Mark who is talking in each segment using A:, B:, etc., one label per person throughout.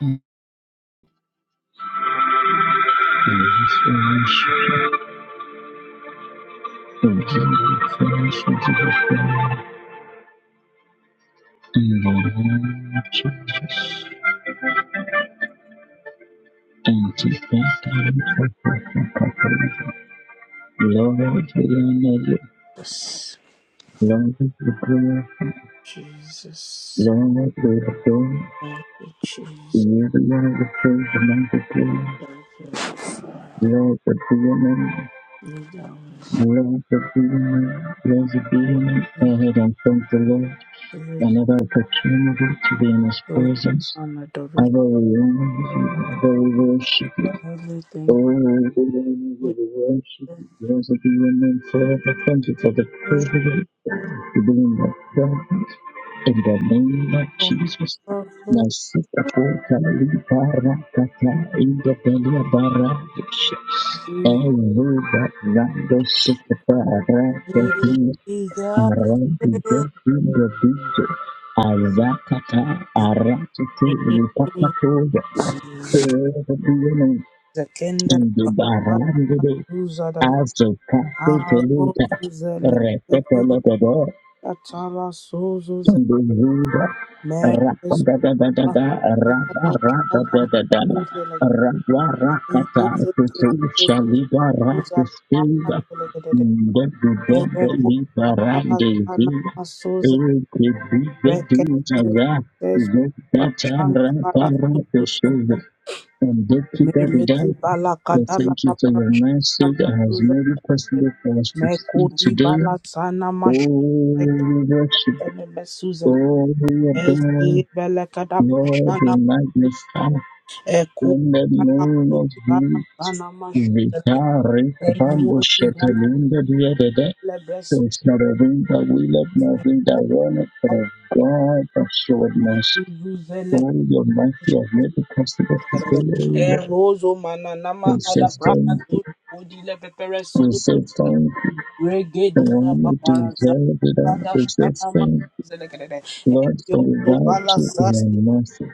A: Lord, the demon, Lord, we honor you. Lord, we glorify. Lord, we adore you. You are the demon, Lord, we
B: Jesus, Jesus, thank you, Jesus, thank you, Father. You know us.
A: be the demon,
B: Thank you
A: ahead and thank the Lord.
B: for your
A: Whenever proclaimable to be in his
B: glory
A: presence,
B: and
A: I
B: adoration,
A: will remember you, I will worship you.
B: Lord. We thank
A: Oh, I
B: you for
A: will worship
B: your
A: you, blessed be your name forever. Thank you for the privilege to be in your presence. In the name of Jesus.
B: wonderful
A: Nasika kota libara kata inda belia barakisha.
B: grace.
A: Eluva rando sika
B: We desire
A: Rodi the picture. Azakata arakete
B: you.
A: lipakatoga. Erodiyono
B: The kingdom of God,
A: indibarandede
B: who's other than
A: azokase
B: our Lord,
A: telita.
B: who's the Lord, who's the Lord,
A: Repetolotodo
B: that's our soul's
A: Hallelujah.
B: Mares Mekodi
A: Ra-da-da-da-da-da, ra-da-ra-da-da-da-da, ra-ra-ra-ka-ta, kutu-shaliba-ra-kusinda, ndedu-dende-liba-rande-zinda, ekedu-dedu-zaza, zeta-ra-ra-ra-kusinda. And dekida-dida. We thank you for your message that has made it possible for us to see today.
B: bala sana mashu
A: Oh, we worship. Oh, we adore
B: Ezi bele kada
A: Lord,
B: prashana
A: we magnify
B: eku
A: in the
B: bala
A: name of
B: kuti bala
A: Jesus.
B: sana mashu
A: Vitari
B: eku
A: Kabambo
B: kuti bala
A: Shetalinda Diadede.
B: lebresu
A: It's not a wind that we love, not a wind that runneth, but a God that showed mercy.
B: zuzele
A: Oh, your mercy has made it possible today.
B: erozo manana
A: We say
B: mahada braka
A: thank
B: tu
A: you.
B: kudi le lepepere su,
A: We say thank you. The
B: regedi
A: one
B: na
A: who
B: paparaza
A: deserves it all.
B: kada
A: We say
B: shana
A: thank you.
B: mazele kedede
A: Lord,
B: eyo
A: for without
B: bala
A: you, we
B: sasi
A: are nothing.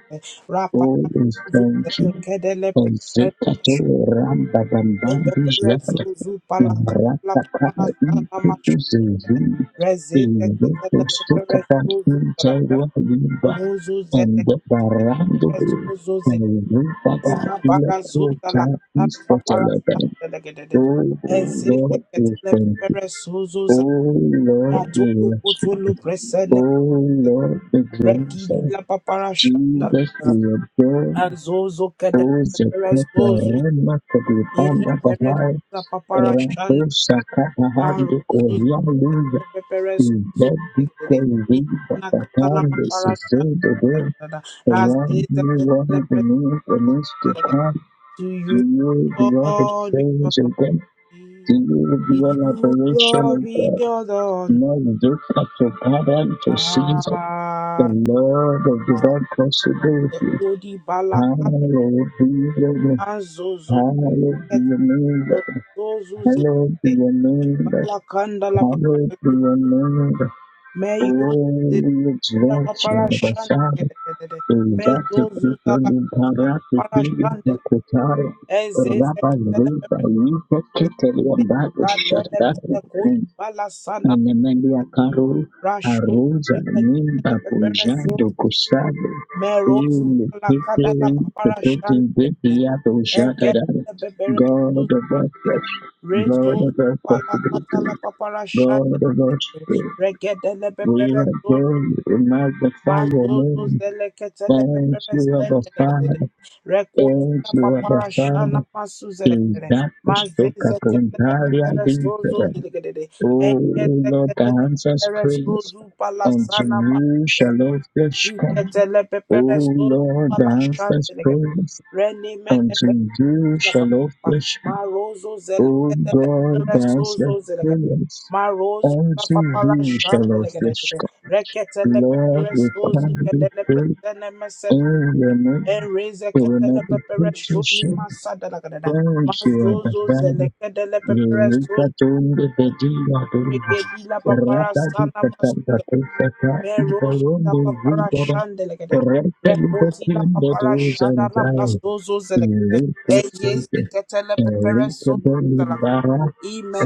B: Rapaz,
A: Oh, we
B: o
A: thank you.
B: Zé Kedele
A: Zekato ramba dambandi zvala
B: Zuzu palaka la
A: namrakata
B: pana sana
A: inkutu
B: macho.
A: zezini
B: Rezete
A: iloko
B: ketele pepere
A: sukata
B: zuzu palakara.
A: inchairwa yimba
B: Ruzu zete
A: ende
B: ketele
A: barando
B: pepere zuzu zi.
A: Pada
B: Ima
A: ila
B: bara zuza
A: kucha
B: la kana papara
A: istetelebele.
B: sana legedede.
A: Oh
B: Ezete
A: Lord, we
B: ketele
A: thank you.
B: pepere zuzu za.
A: Oh Lord, we
B: Matulu
A: worship.
B: kutulu
A: you.
B: presene
A: Oh Lord, we glorify.
B: Rekidi
A: you.
B: la papara shanda
A: Jesus,
B: la
A: we adore
B: azozo
A: the
B: kada
A: of of of
B: peres tozu
A: the
B: ire peres
A: the
B: la papara shanda Aruzu peperes zuzigede imana katala papara shanda razeza ketele
A: the most to
B: peperes
A: come,
B: to
A: to
B: you
A: you the other
B: Lord be all
A: things
B: the
A: of them, to
B: glory.
A: you the
B: to
A: one one who
B: you Lord be all the honor
A: new to come,
B: Ah,
A: Lord of
B: ah,
A: divine
B: the
A: possibilities.
B: kodi balakan
A: Hallelujah.
B: azozo
A: Hallowed be
B: ketele
A: your name,
B: peperes
A: Lord. Hallowed be
B: zuzigede
A: your name, Lord.
B: balakanda la
A: Hallowed be
B: papara
A: your name, Lord.
B: May you
A: Oh,
B: the
A: we
B: la
A: exalt you,
B: papara
A: the Father.
B: shandele.
A: In
B: May
A: that the
B: zozu da
A: people
B: la
A: in Parat, the
B: papara
A: King of
B: shandele.
A: Makotari,
B: Ezeze
A: Rabba
B: kitele
A: Zeta,
B: pepe
A: you
B: zozu.
A: protected your back, shut
B: Radele pele kodi bala sana
A: Anemelia Carol
B: rashu.
A: Aruza
B: Pele
A: Nimba
B: kitele pepe resozu.
A: Bujando Kusado
B: May rozu
A: Ili
B: bala kada la
A: Hikili
B: papara
A: Kepeti
B: shandele.
A: Mbiti Yato
B: Ege
A: Jatadara
B: pepe
A: God of our flesh, God
B: Rezo
A: of our
B: pala katala
A: possibilities,
B: papara shande.
A: God of our spirit,
B: Regedele
A: we
B: pepere
A: are
B: zozo.
A: going to magnify your
B: Mazozo
A: name.
B: zele ketele
A: Thank
B: pepere
A: you, our
B: stende.
A: Father. Thank
B: Rekodila
A: you, our
B: papara shana
A: Father.
B: masu zele.
A: Is that the Soka
B: Mazeze ketele
A: Puntaria
B: pepere zozo
A: Vita?
B: zele.
A: O
B: Engeze
A: Lord that
B: ketele
A: answers
B: pepere
A: prayers,
B: zozo pala
A: unto
B: sana
A: you
B: masu zele.
A: shall all flesh come.
B: Riketele
A: O
B: pepere zozo
A: Lord that
B: pala
A: answers
B: shande.
A: prayers,
B: Rene
A: unto you shall all flesh come.
B: Marozo Zelezo
A: O God that answers
B: Zelega.
A: prayers,
B: Marozo
A: unto
B: Papala
A: you shall all
B: Shandelegade.
A: flesh come.
B: Reketele
A: Lord, we
B: Pepereso
A: can't be
B: Zikadele
A: free
B: Pretene Mesed.
A: in your name.
B: Ereze
A: We will not
B: Ketele
A: be
B: Pepere
A: put to
B: Shuni
A: shame.
B: Masadalagada.
A: Thank you, Abba
B: Mazozo
A: Father.
B: Zelekedele Pepereso
A: Nikatunde vediva duva.
B: Regedila Papara
A: Rata
B: Sana
A: dikatanda kusaka
B: Merozu la
A: ibayombo
B: papara
A: zidara.
B: shandelegede.
A: Rata
B: Rekoti la
A: libakianda
B: papara
A: duza
B: shada la
A: nzai.
B: prasozo zelegede.
A: Luka tsuke.
B: Eyezi ketele pepere
A: Luka
B: so
A: doli
B: zelegede.
A: bara.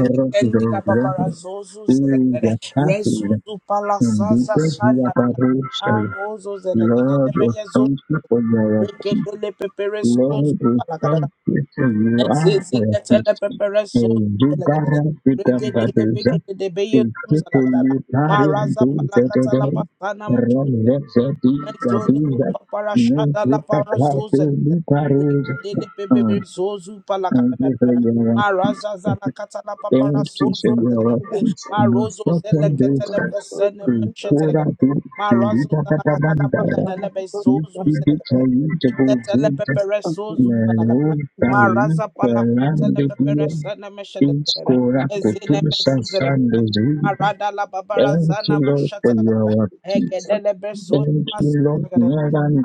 A: Rata
B: la
A: duza.
B: babara zozu zelegede.
A: Iza kakila.
B: Rezuzu palasaza
A: Nduka via
B: shandelegede.
A: barusha.
B: Arozo zelegede.
A: Lord, we
B: Nebeye zo
A: thank you
B: zelegede.
A: for your
B: Reketele pepere
A: Lord,
B: so
A: we
B: zelegede.
A: thank you for you are our peace.
B: Zizikatele pepere
A: And you
B: sozelekelele.
A: better pick up that
B: Regedele
A: is up
B: begedele beye
A: to people
B: zuzalakalala.
A: you carry and
B: Maraza
A: do the
B: palakata la
A: day.
B: pasana
A: Run let
B: mashutelekelele.
A: the city,
B: Mezoni
A: Kabiza,
B: mapapara
A: make
B: shada la
A: it a
B: para
A: car to you
B: zozelekelele.
A: carry.
B: Regedele bebebe zozu
A: Thank you for
B: palakatakalala.
A: your
B: Maraza
A: peace.
B: zalakata la papara
A: Thank you for your
B: sozozelekelele.
C: Thank
A: peace. No
B: Marozo
A: second
B: zeleketele
A: day,
B: pesene
A: we pour out
B: meshetelekelele.
A: the
B: Marazo
A: Rita
B: zalakata la
A: Patamandara.
B: pagadele
A: If
B: bezozu
A: you
B: zelekelele. Ziketele
A: be
B: pepere sozu palakatakalala.
A: Meluta
B: Maraza pala kota
A: Fernando
B: la pepera
A: Diaz
B: sana mesha de gara.
A: Iscora
B: Ezine
A: Cotusa
B: mesuze de gara.
A: Santos Riva.
B: Marada la babara
A: Thank you,
B: zana
A: Lord,
B: mashata
A: for
B: de gara.
A: your peace.
B: Egede le beso
A: Thank you,
B: masu de gara.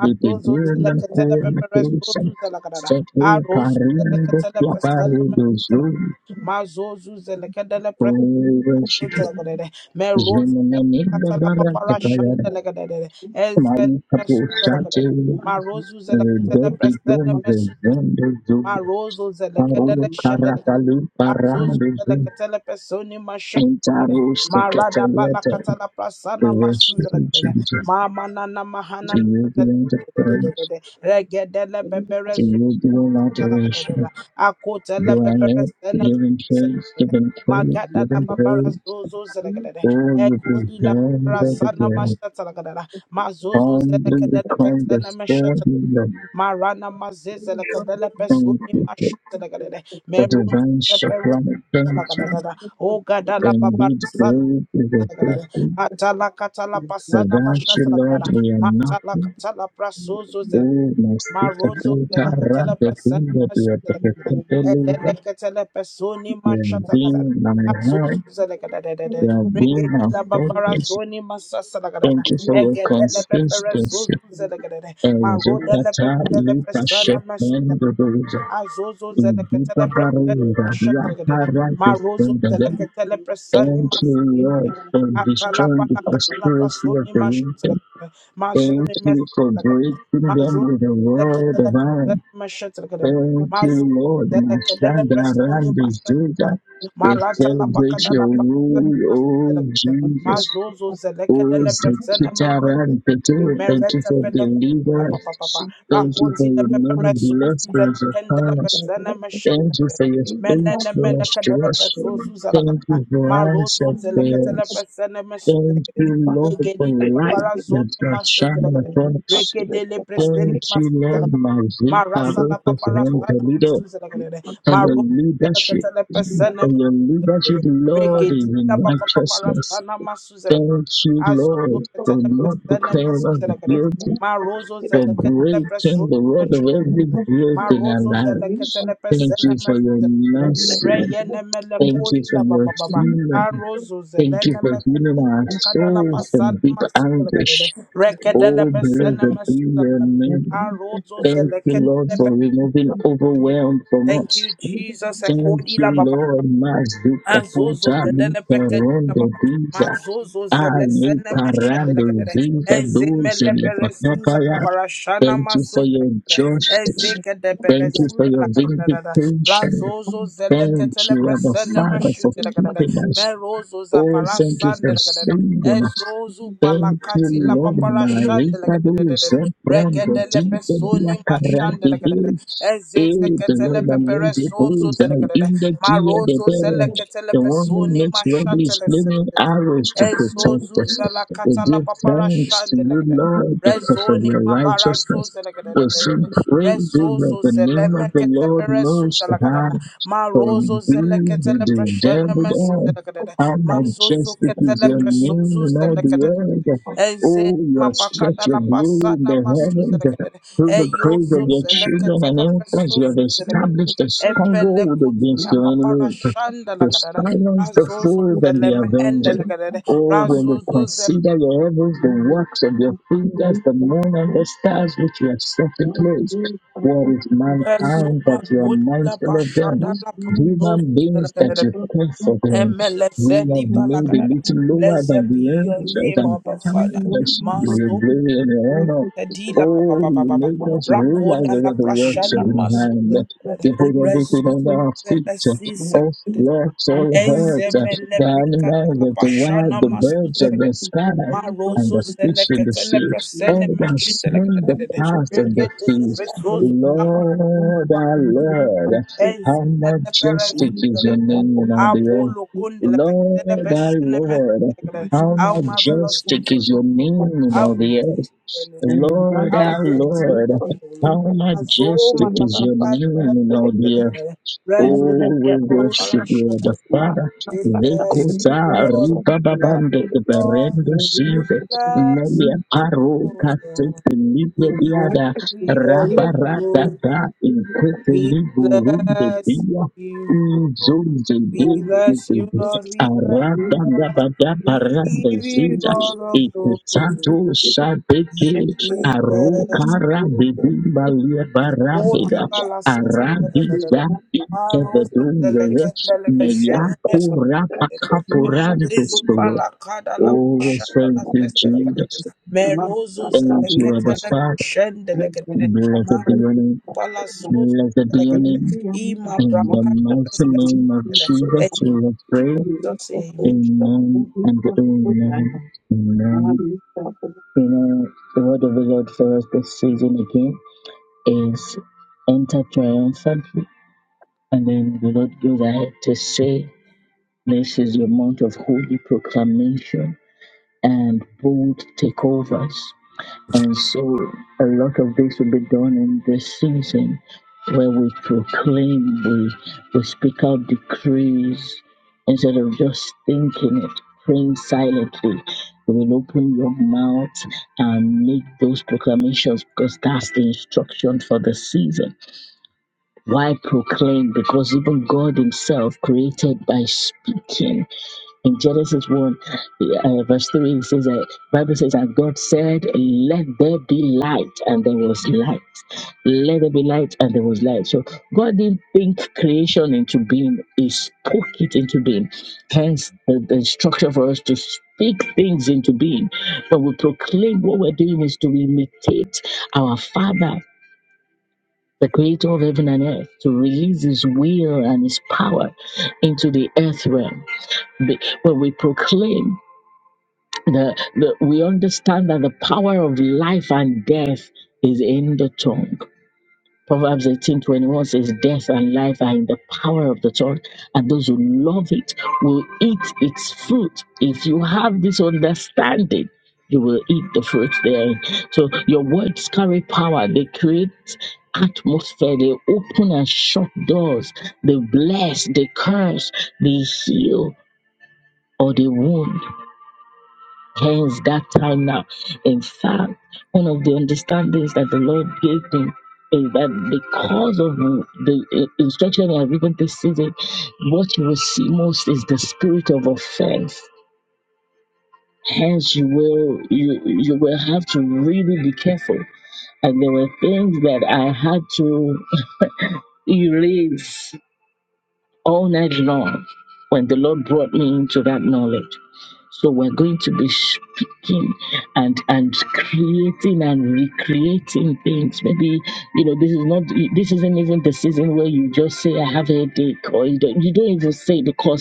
A: de
B: zele
A: Tegula
B: kete le
A: Corna
B: pepera
A: Cursa.
B: sozu zele gara.
A: Setu
B: Arozu zele
A: Pariando
B: kete le pesana
A: Claparo do
B: mashata de
A: Zul.
B: gara. Mazozo zele kete le pres
A: We worship you.
B: Tutagadere, Merozu,
A: Zemananda
B: Catala
A: Baraka
B: Papara
A: Payara.
B: Shandelegadere, Ezen
A: Malu Kapo Sate.
B: Mesutelagadere, Marozu, Zelecatella,
A: Dobi Don
B: President
A: Rezondo Zul.
B: Marozo
A: Paru
B: zelekadele shedelegede.
A: Karakalu
B: Azozo
A: Parando zu
B: zelekatele pesoni mashedelegede.
A: Interus the
B: Marada
A: Cataliata,
B: balakatala prasana
A: the wretched and
B: masuzelegede.
A: children,
B: Mamanana
A: to
B: mahanana.
A: you belong the parents, to you belong adoration,
B: Akota la babara
A: granted,
B: sana
A: giving
B: makusa.
A: praise, giving praise,
B: Magada la
A: giving
B: babara
A: praise,
B: zozo zelekadada.
A: Oh, you
B: Egodi la
A: belong
B: babara
A: by the
B: sana
A: day.
B: mashata lakadada. Mazozo
A: Humbly
B: zelekadada
A: reclaim the
B: pesana mashata
A: standing
B: lakadada.
A: of
B: Marana mazeze lakadada
A: thank
B: pesuni
A: you for
B: mashuta lakadada.
A: the
B: Meruzu
A: divine
B: zeperu
A: sacrament, thank you.
B: lakadada. Ogada la babara
A: Indeed,
B: sana
A: great is your
B: lakadada.
A: faithful.
B: Atala katala pasana
A: Without you,
B: mashata
A: Lord,
B: lakadada.
A: we are
B: Matala
A: nothing.
B: katala prasozo
A: Masika
B: Marozo
C: you.
A: Kenta
B: della Catala
A: Rada
B: Prasana
A: Kunda
B: Masuda,
C: Thank
B: and then the
A: Biotopelita.
B: Catala Personi
A: You have
B: Mashata,
A: been my help.
B: Azuza la
A: You
B: Gadada,
A: have been
B: Regedi
A: my
B: la Babara
A: focus.
B: Zoni Masasa la Gadada,
A: Thank you for
B: and
A: your
B: get the Pepper
A: consistency.
B: Suzuza la Gadada, Maro della
A: Ezukata
B: Pecadella
A: Lipa
B: Prasana
A: Shepen
B: Masuda,
A: Dodoza.
B: Azozo della Catala
A: Ibiba
B: Prasana
A: Barura
B: Mashata la Gadada,
A: Yakara
B: Marozo della
A: Defendada.
B: Catala Prasani
A: Thank you,
B: Masuda,
A: Lord, for
B: Atala
A: destroying the
B: Pala Catala
A: conspiracy of
B: Prasoni
A: the
B: Mashata la
A: wicked.
B: Gadada,
A: Thank
B: Mazoni
A: you for breaking them
B: Masuda.
A: with the word of God. Thank you, Lord. Mashandarandi Zuda. We celebrate your rule, oh Jesus.
B: Mazozo zeleke
A: Oh
B: dele presene
A: Zekitaran
B: machete
A: Peter, thank you
B: merete
A: for
B: pele kuta papa papa
A: deliverance. Thank you for
B: rakoti le
A: your
B: pepere
A: many
B: sozu
A: blessings
B: zeleke dele
A: upon us.
B: presene
A: Thank
B: machete
A: you for your
B: menene
A: faithfulness
B: meleke
A: to
B: dele
A: us.
B: presozu zeleke
A: Thank
B: dele
A: you for
B: marozo
A: answered
B: zeleke dele
A: prayers.
B: presene machete
A: Thank you, Lord, for
B: egedi la
A: light
B: babara
A: that
B: zoni
A: you're shining
B: machete
A: upon us.
B: Regedele presteni
A: Thank you,
B: masuzela
A: Lord,
B: kadere.
A: my Zika,
B: Marasa la
C: you.
B: paparasa
A: the
B: na
A: leader
B: masuzela
C: Thank
B: kadere.
A: and your
B: Marozela
A: leadership
B: katele presteni
A: and your
B: masuzela
A: leadership,
B: kadere.
A: Lord, is
B: Regedita
A: in
B: papaparasa
A: righteousness.
B: na masuzela kadere.
A: Thank you,
B: Azozo
A: Lord, for
B: katele
A: not
B: presteni
A: declaring us
B: masuzela kadere.
A: guilty,
B: Marozo
A: for
B: zela katele
A: breaking
B: presteni
A: the word of
B: masuzela
A: every
B: kadere.
A: guilt in our
B: Marozo zela
A: lives.
B: katele
A: Thank you for your
B: presteni
A: mercy.
B: Reyene mele
A: Thank you for
B: la ba
A: your
B: ba ba
A: healing. Thank you
B: zelene
A: for
B: me
A: healing
B: kodi la
A: our souls from
B: pasana
A: deep
B: masu la gadele.
A: anguish.
B: Rekedele
A: Oh,
B: besene
A: blessed be
B: masu la
A: your
B: gadele.
A: name.
B: Arozo
A: Thank you,
B: zeleke
A: Lord,
B: le
A: for removing overwhelm from
B: Thank
A: us.
B: you, Jesus.
A: Thank
B: Ekodi la
A: you,
B: ba ba ba
A: Lord. Mazuka puta
B: kedele
A: luka
B: prekedi la ba
A: rondo diza.
B: Mazozo
A: Ali
B: zelesene meshe la
A: parando
B: gadele.
A: ziza
B: Ezeme
A: duze
B: le perezuza
A: lepakapaya.
B: paparashana
A: Thank you for
B: masuze.
A: your justice.
B: Ezeke de
A: Thank you for
B: perezuda
A: your
B: la kadada.
A: vindication.
B: Razozo zele
A: Thank
B: ketele
A: you, Abba
B: presene
A: Father, for
B: mashute la kadada.
A: keeping us.
B: Merozo za
A: Oh, thank you
B: parasande
A: for
B: la kadada.
A: saving us.
C: you.
B: Ezozu
A: Thank you,
B: palakati la
C: Thank
A: Lord.
B: paparashande la
A: Marika do
B: kadada.
A: Zebrando
B: Regede le
A: Dinka Dia
B: pesoni mashande la
A: Karate
B: kadada.
A: Dili.
B: Ezeze
C: you.
A: Aid the
B: ketele
A: Lord Amuzi
B: peperezozo
A: Buza
B: zele kadada.
A: in the Gia de
B: Marozo zele
A: Bera.
B: ketele
A: The one who
B: pesoni
A: makes rubbish
B: mashate la
A: flaming
B: kadada.
A: arrows to protect us.
B: Ezozuza la
A: We
B: katala
A: give
B: papara
A: thanks to you,
B: shandelegede.
A: Lord, because of
B: Rezoni
A: your
B: mabara
A: righteousness. We sing
B: zozelegedededede.
A: praises
B: Rezozo
A: of the name of the
B: zelemekete
A: Lord
B: peresuza
A: Most High
B: lagadada.
A: for
B: Marozo
A: thee you
B: zeleketele preshene
A: delivered us.
B: mesizelegedede.
A: How
B: Mazozo
A: majestic is
B: ketele
A: your name
B: presozu
A: in all the
B: zelegedede.
A: earth.
B: Ezeni
A: Oh, you have
B: mapakata
A: stretched your
B: la
A: glory in
B: pasana
A: the heavens.
B: masuzelekedede.
A: Through the praise of your children and
B: Eyozozelekedele
A: infants, you have
B: presozuzelekedede.
A: established a stronghold
B: Epelekuti
A: against
B: la
A: your
B: papara
A: enemies
B: shanda la
A: to
B: kadada.
A: silence the
B: Razozo
A: fool and the
B: zeleme
A: avenger.
B: endelekedede.
A: Oh, when we
B: Razozo
A: consider your heavens, the works of your fingers, the moon and the stars which you have set in place, what is mankind
B: zepezuma
A: that you are
B: kodi la
A: mindful of them?
B: bashada la
A: Human beings that you
B: prosozuzelekedede.
A: care for them, you
B: Emelezedi
A: have
C: And
A: made a
C: that
B: balakadada.
A: little
C: happens
A: lower
B: Blessed
A: than the
B: be your
C: based
A: angels
B: name,
C: on
A: and
B: Abba
C: about the
B: Father.
A: carried us your glory and
C: Thank
A: your honor.
B: Kadila ba
A: Oh,
B: ba ba
A: you
B: ba ba.
A: make us realize
B: Rakoda la
A: over the works of
B: prashana
C: you.
A: your
C: the
B: maso
A: hand.
C: next
A: You put
C: video
A: everything
B: rezu
A: under
C: actually
A: our feet,
B: zelesi
C: when
A: all
C: I
B: sekede.
C: do it for
A: works,
C: five
A: all
C: years
A: hurt,
C: And
B: Ezemele
C: fifty
A: the
B: brikada
A: animals,
B: la
A: the the wild,
B: prashana
A: the
C: people
B: maso
A: birds
C: is
A: of the
B: zelekede.
A: sky,
C: because you work
A: and
B: Marozo
A: the
C: with the
A: fish in the
B: zelekete le
A: sea. All
B: presene
C: you have
A: that
C: to
B: meshite
A: swim the
C: change
B: lekede.
C: the work
A: paths
C: of the
A: of the
B: Regede le
A: feast.
B: prekozo
C: day and off
A: Lord,
C: once you
A: our
C: can do it
A: Lord.
C: by yourself
A: How
C: and
A: majestic
C: when you
A: is your
C: make that
A: name in
C: whole
A: all the
C: thing
A: earth.
B: Apollo
C: you have
B: Kundala Pekada
A: Lord, our
B: Bashana
A: Lord,
B: Method,
A: how
B: our
C: to do
B: marvelous
A: majestic
B: victory,
A: is your name in all
B: our
C: it
A: the earth.
B: great,
C: and not
A: Lord,
B: our
A: our
B: great,
C: from
B: is
A: Lord,
B: your name, O Lord.
C: the
A: how
B: Azo
A: majestic is
C: Thank
A: your
B: Malapakadi,
A: name in all the earth.
B: Razo
A: Oh, we
B: Papa
A: worship you,
B: Shana.
A: the Father.
B: We bless
A: Vekota
B: you, Lord.
A: riba babande keberendo
B: We
A: sive.
B: bless
A: Melia
B: you,
A: paro
B: Lord. We bless you, Lord.
A: kasete
B: We give
A: libre
B: you all the
A: Rabaratata
B: glory.
A: inketeli
B: We
A: burundu
B: bless
A: dia
B: you, Lord.
A: inzunze
B: We
A: dedu
B: bless you, Lord. We bless
A: arata
B: you, Lord.
A: gabada
B: We
A: parande
B: give you
A: zinza
B: all the
A: ikutsato
B: glory.
A: sabeke
B: We bless
A: arukara
B: you.
A: bibimba lia barabeda
B: Holy Balasas.
A: aradiza ikevedungele neyakura
B: Engezi
C: you.
A: pakapurandustolo
B: fala kada la
A: Always
C: Thank
B: shada la
A: thank you,
B: sesta la kadere.
A: Jesus.
B: Merozo
A: Thank
B: zele
A: you, Abba
B: kete le
A: Father.
B: shende le kadere.
A: Blessed be
B: Maru
A: your name.
B: pala sozo
A: Blessed be
B: le
A: your
B: kadere.
A: name.
B: Ima
A: In the
B: brakade le
A: mighty
B: sesta
A: name of
B: le kadere.
A: Jesus,
B: Thank
A: we
B: you,
A: will pray.
B: Jesus. Amen.
A: Amen and amen. Amen. You know, the word of the Lord for us this season again is enter triumphantly. And then the Lord goes ahead to say, This is your month of holy proclamation and bold takeovers. And so a lot of this will be done in this season where we proclaim, we, we speak out decrees instead of just thinking it, praying silently. You will open your mouth and make those proclamations because that's the instruction for the season. Why proclaim? Because even God Himself created by speaking in Genesis 1, uh, verse 3, it says that Bible says that God said, Let there be light, and there was light. Let there be light, and there was light. So God didn't think creation into being, He spoke it into being. Hence the, the instruction for us to speak things into being. When we proclaim what we're doing is to imitate our Father. The creator of heaven and earth to release his will and his power into the earth realm. Be- When we proclaim the, the, we understand that the power of life and death is in the tongue. Proverbs eighteen twenty one says, Death and life are in the power of the tongue, and those who love it will eat its fruit. If you have this understanding, you will eat the fruit therein. So your words carry power, they create atmosphere, they open and shut doors, they bless, they curse, they heal, or they wound. Hence, that time now. In fact, one of the understandings that the Lord gave me is that because of the uh, instruction I've given this season, what you will see most is the spirit of offense. Hence, you will you you will have to really be careful. And there were things that I had to erase all night long when the Lord brought me into that knowledge. So we're going to be speaking and and creating and recreating things. Maybe you know this is not this isn't even the season where you just say I have a headache or you don't, you don't even say because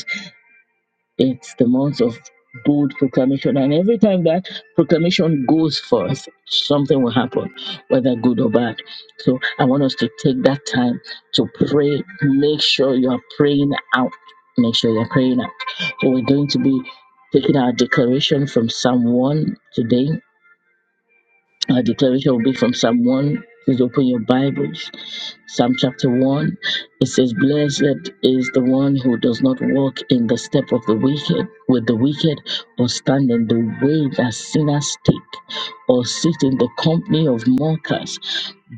A: it's the month of bold proclamation. And every time that proclamation goes forth, something will happen, whether good or bad. So I want us to take that time to pray. Make sure you are praying out. Make sure you're praying out. So we're going to be taking our declaration from Psalm 1 today. I declare it will be from Psalm 1. Please open your Bibles. Psalm chapter 1. It says, Blessed is the one who does not walk in the step of the wicked, with the wicked, or stand in the way that sinners take, or sit in the company of mockers,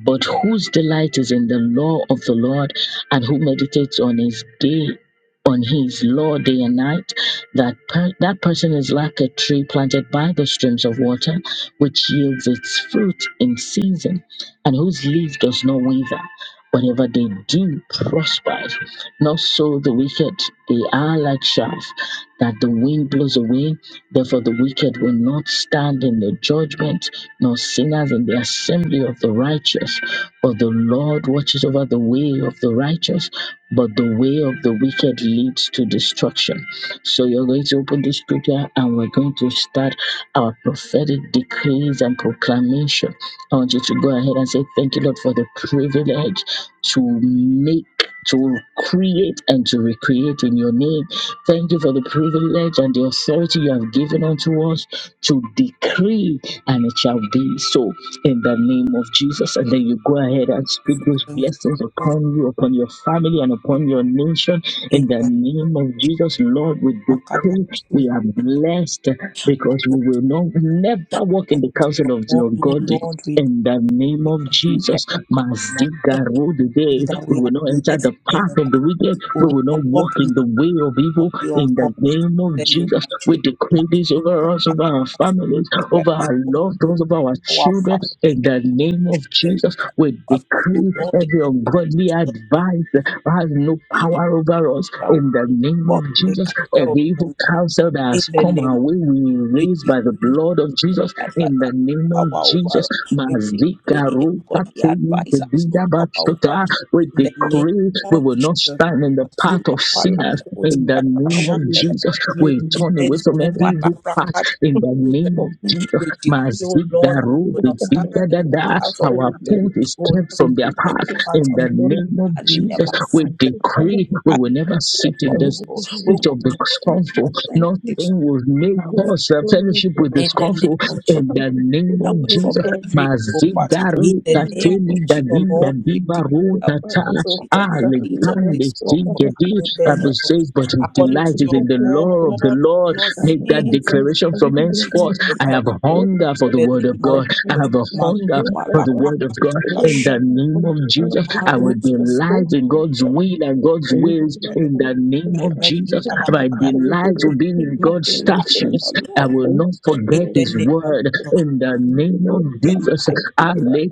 A: but whose delight is in the law of the Lord, and who meditates on his day on his law day and night that per- that person is like a tree planted by the streams of water which yields its fruit in season, and whose leaf does not waver. Whatever they do prospers. Not so the wicked, they are like chaff that the wind blows away. Therefore, the wicked will not stand in the judgment, nor sinners in the assembly of the righteous. But the Lord watches over the way of the righteous, but the way of the wicked leads to destruction. So, you're going to open this scripture and we're going to start our prophetic decrees and proclamation. I want you to go ahead and say, Thank you, Lord, for the privilege to make. To create and to recreate in your name. Thank you for the privilege and the authority you have given unto us to decree, and it shall be so in the name of Jesus. And then you go ahead and speak those
B: Thank you,
A: blessings
B: Lord. for
A: upon you, upon your family, and upon your nation
B: the In
A: in the
B: the name of
A: name of
B: Jesus,
A: Jesus. Lord, we
B: kada la
A: decree
B: sozo le
A: we are
B: kadere.
A: blessed because
B: Maru,
A: we will not never walk in the
B: According to
A: counsel
B: your
A: of the
B: word, O
A: ungodly.
B: Lord, we
A: In the name of
B: are
A: Jesus,
B: blessed in the name of Jesus.
A: Mazdigarodide,
B: That
A: we
B: we
A: will
B: are
A: not enter
B: blessed
A: the
B: in
A: path
B: the name
A: of
B: of
A: the
B: Jesus.
A: wicked.
B: We
A: We
B: will
A: will
B: not
A: not
B: walk
A: walk
B: in
A: in the way of
B: of
A: evil.
B: the
A: In the
B: ungodly in
A: name of
B: the name
A: Jesus,
B: of Jesus.
A: we decree this
B: Masuta
A: over us, over our
B: Kadaka
A: families,
B: Sekle,
A: over our loved
B: overrule
A: ones, over our
B: our
A: children.
B: family,
A: In the name of
B: overrule
A: Jesus, we
B: our family, O
A: decree
B: Lord, in
A: every
B: the name of
A: ungodly
B: Jesus.
A: advice has no
B: We
A: power over us.
B: that
A: In the name of
B: walk in the
A: Jesus,
B: castle of
A: every evil
B: the
A: evil
B: ungodly
A: counsel that
B: in
A: has
B: the
A: come
B: name
A: our way, we
B: of
A: raise by the
B: Jesus.
A: blood of Jesus in
B: advisor
A: the
B: has
A: name
B: no
A: of
B: power over
A: Jesus.
B: us. We decree, oh God, the advisor has no power over us.
A: We
B: In the name
A: decree we
B: of
A: will not
B: Jesus.
A: stand in the path
B: Azuma
A: of sinners
B: palakoti
A: in the name of
B: katashande
A: Jesus.
B: lekedekede.
A: We turn away from
B: Ezuma
A: every evil path
B: labrakati
A: in the
B: kuze.
A: name of Jesus.
B: We decree, oh Lord, that we
A: Mazigaru,
B: will
A: the
B: not
A: bigger
B: stand in the path of
A: our
B: the
A: food is
B: We will
A: kept
B: not
A: from their
B: stand in
A: path
B: the path
A: in
B: of
A: the name of
B: standing
A: Jesus,
B: them as
A: we
B: and turn
A: decree we will never
B: away
A: sit
B: from
A: in the
B: people. We
A: seat
B: will
A: of the
B: we will
A: scornful.
B: not stand in
C: you.
B: this
A: Nothing will make
C: Now
B: of
A: us a
C: experience
A: fellowship
C: the
A: with the
B: in
C: Lord
B: the
A: scornful.
B: name of
C: is
B: Jesus
A: In
C: one
A: the name
B: away
A: of
C: the
B: from
A: Jesus,
C: Christ
B: every evil path. In
C: in
A: Mazigaro
B: the
C: the
B: name
C: name
B: of
C: of
A: tateli
B: Jesus,
A: dadi
C: Jesus.
B: Lord,
A: dadi
B: we declare
A: baro
C: Maria
B: we
A: tatala.
B: never sit
C: Basoka
B: in
A: Ah,
B: the seat of
C: Taliba
A: Alexander,
B: discomfort.
A: the
C: Soka
B: In the
C: and
B: name
A: Bible
B: of
A: says,
B: Jesus.
A: but his
C: I
B: According
A: delight
B: to
A: is in
B: your
A: the law of the
B: word, we will
A: Lord
B: not sit
A: Make that
B: in the
A: declaration from
B: seat of
A: henceforth.
B: the
A: I have a
B: comfort.
A: hunger for the
B: In
A: word
B: the
A: of
B: name of
A: God. I
B: Jesus.
A: have a hunger
B: Mazuma
A: for
B: la
A: the word of God.
B: prakantila
A: In
B: shaya.
A: the name of Jesus, I will
B: Marozo
A: delight in God's
B: zele-
A: will and God's ways. In the name of
B: Meredi
A: Jesus, my
B: balakada.
C: will
B: I
C: be
A: delight will be
C: lucky
B: decree
A: in
B: my
C: most
A: God's
C: of the
B: delight in
C: day.
A: statutes.
B: the
A: I
B: Lord
A: will
C: In
A: not
C: the
B: in
A: forget
B: the
A: His
C: name of
B: name of
A: word.
C: Jesus.
B: Jesus.
A: In the
C: That will
A: name of Jesus,
B: Delight with
A: I
B: the
A: lay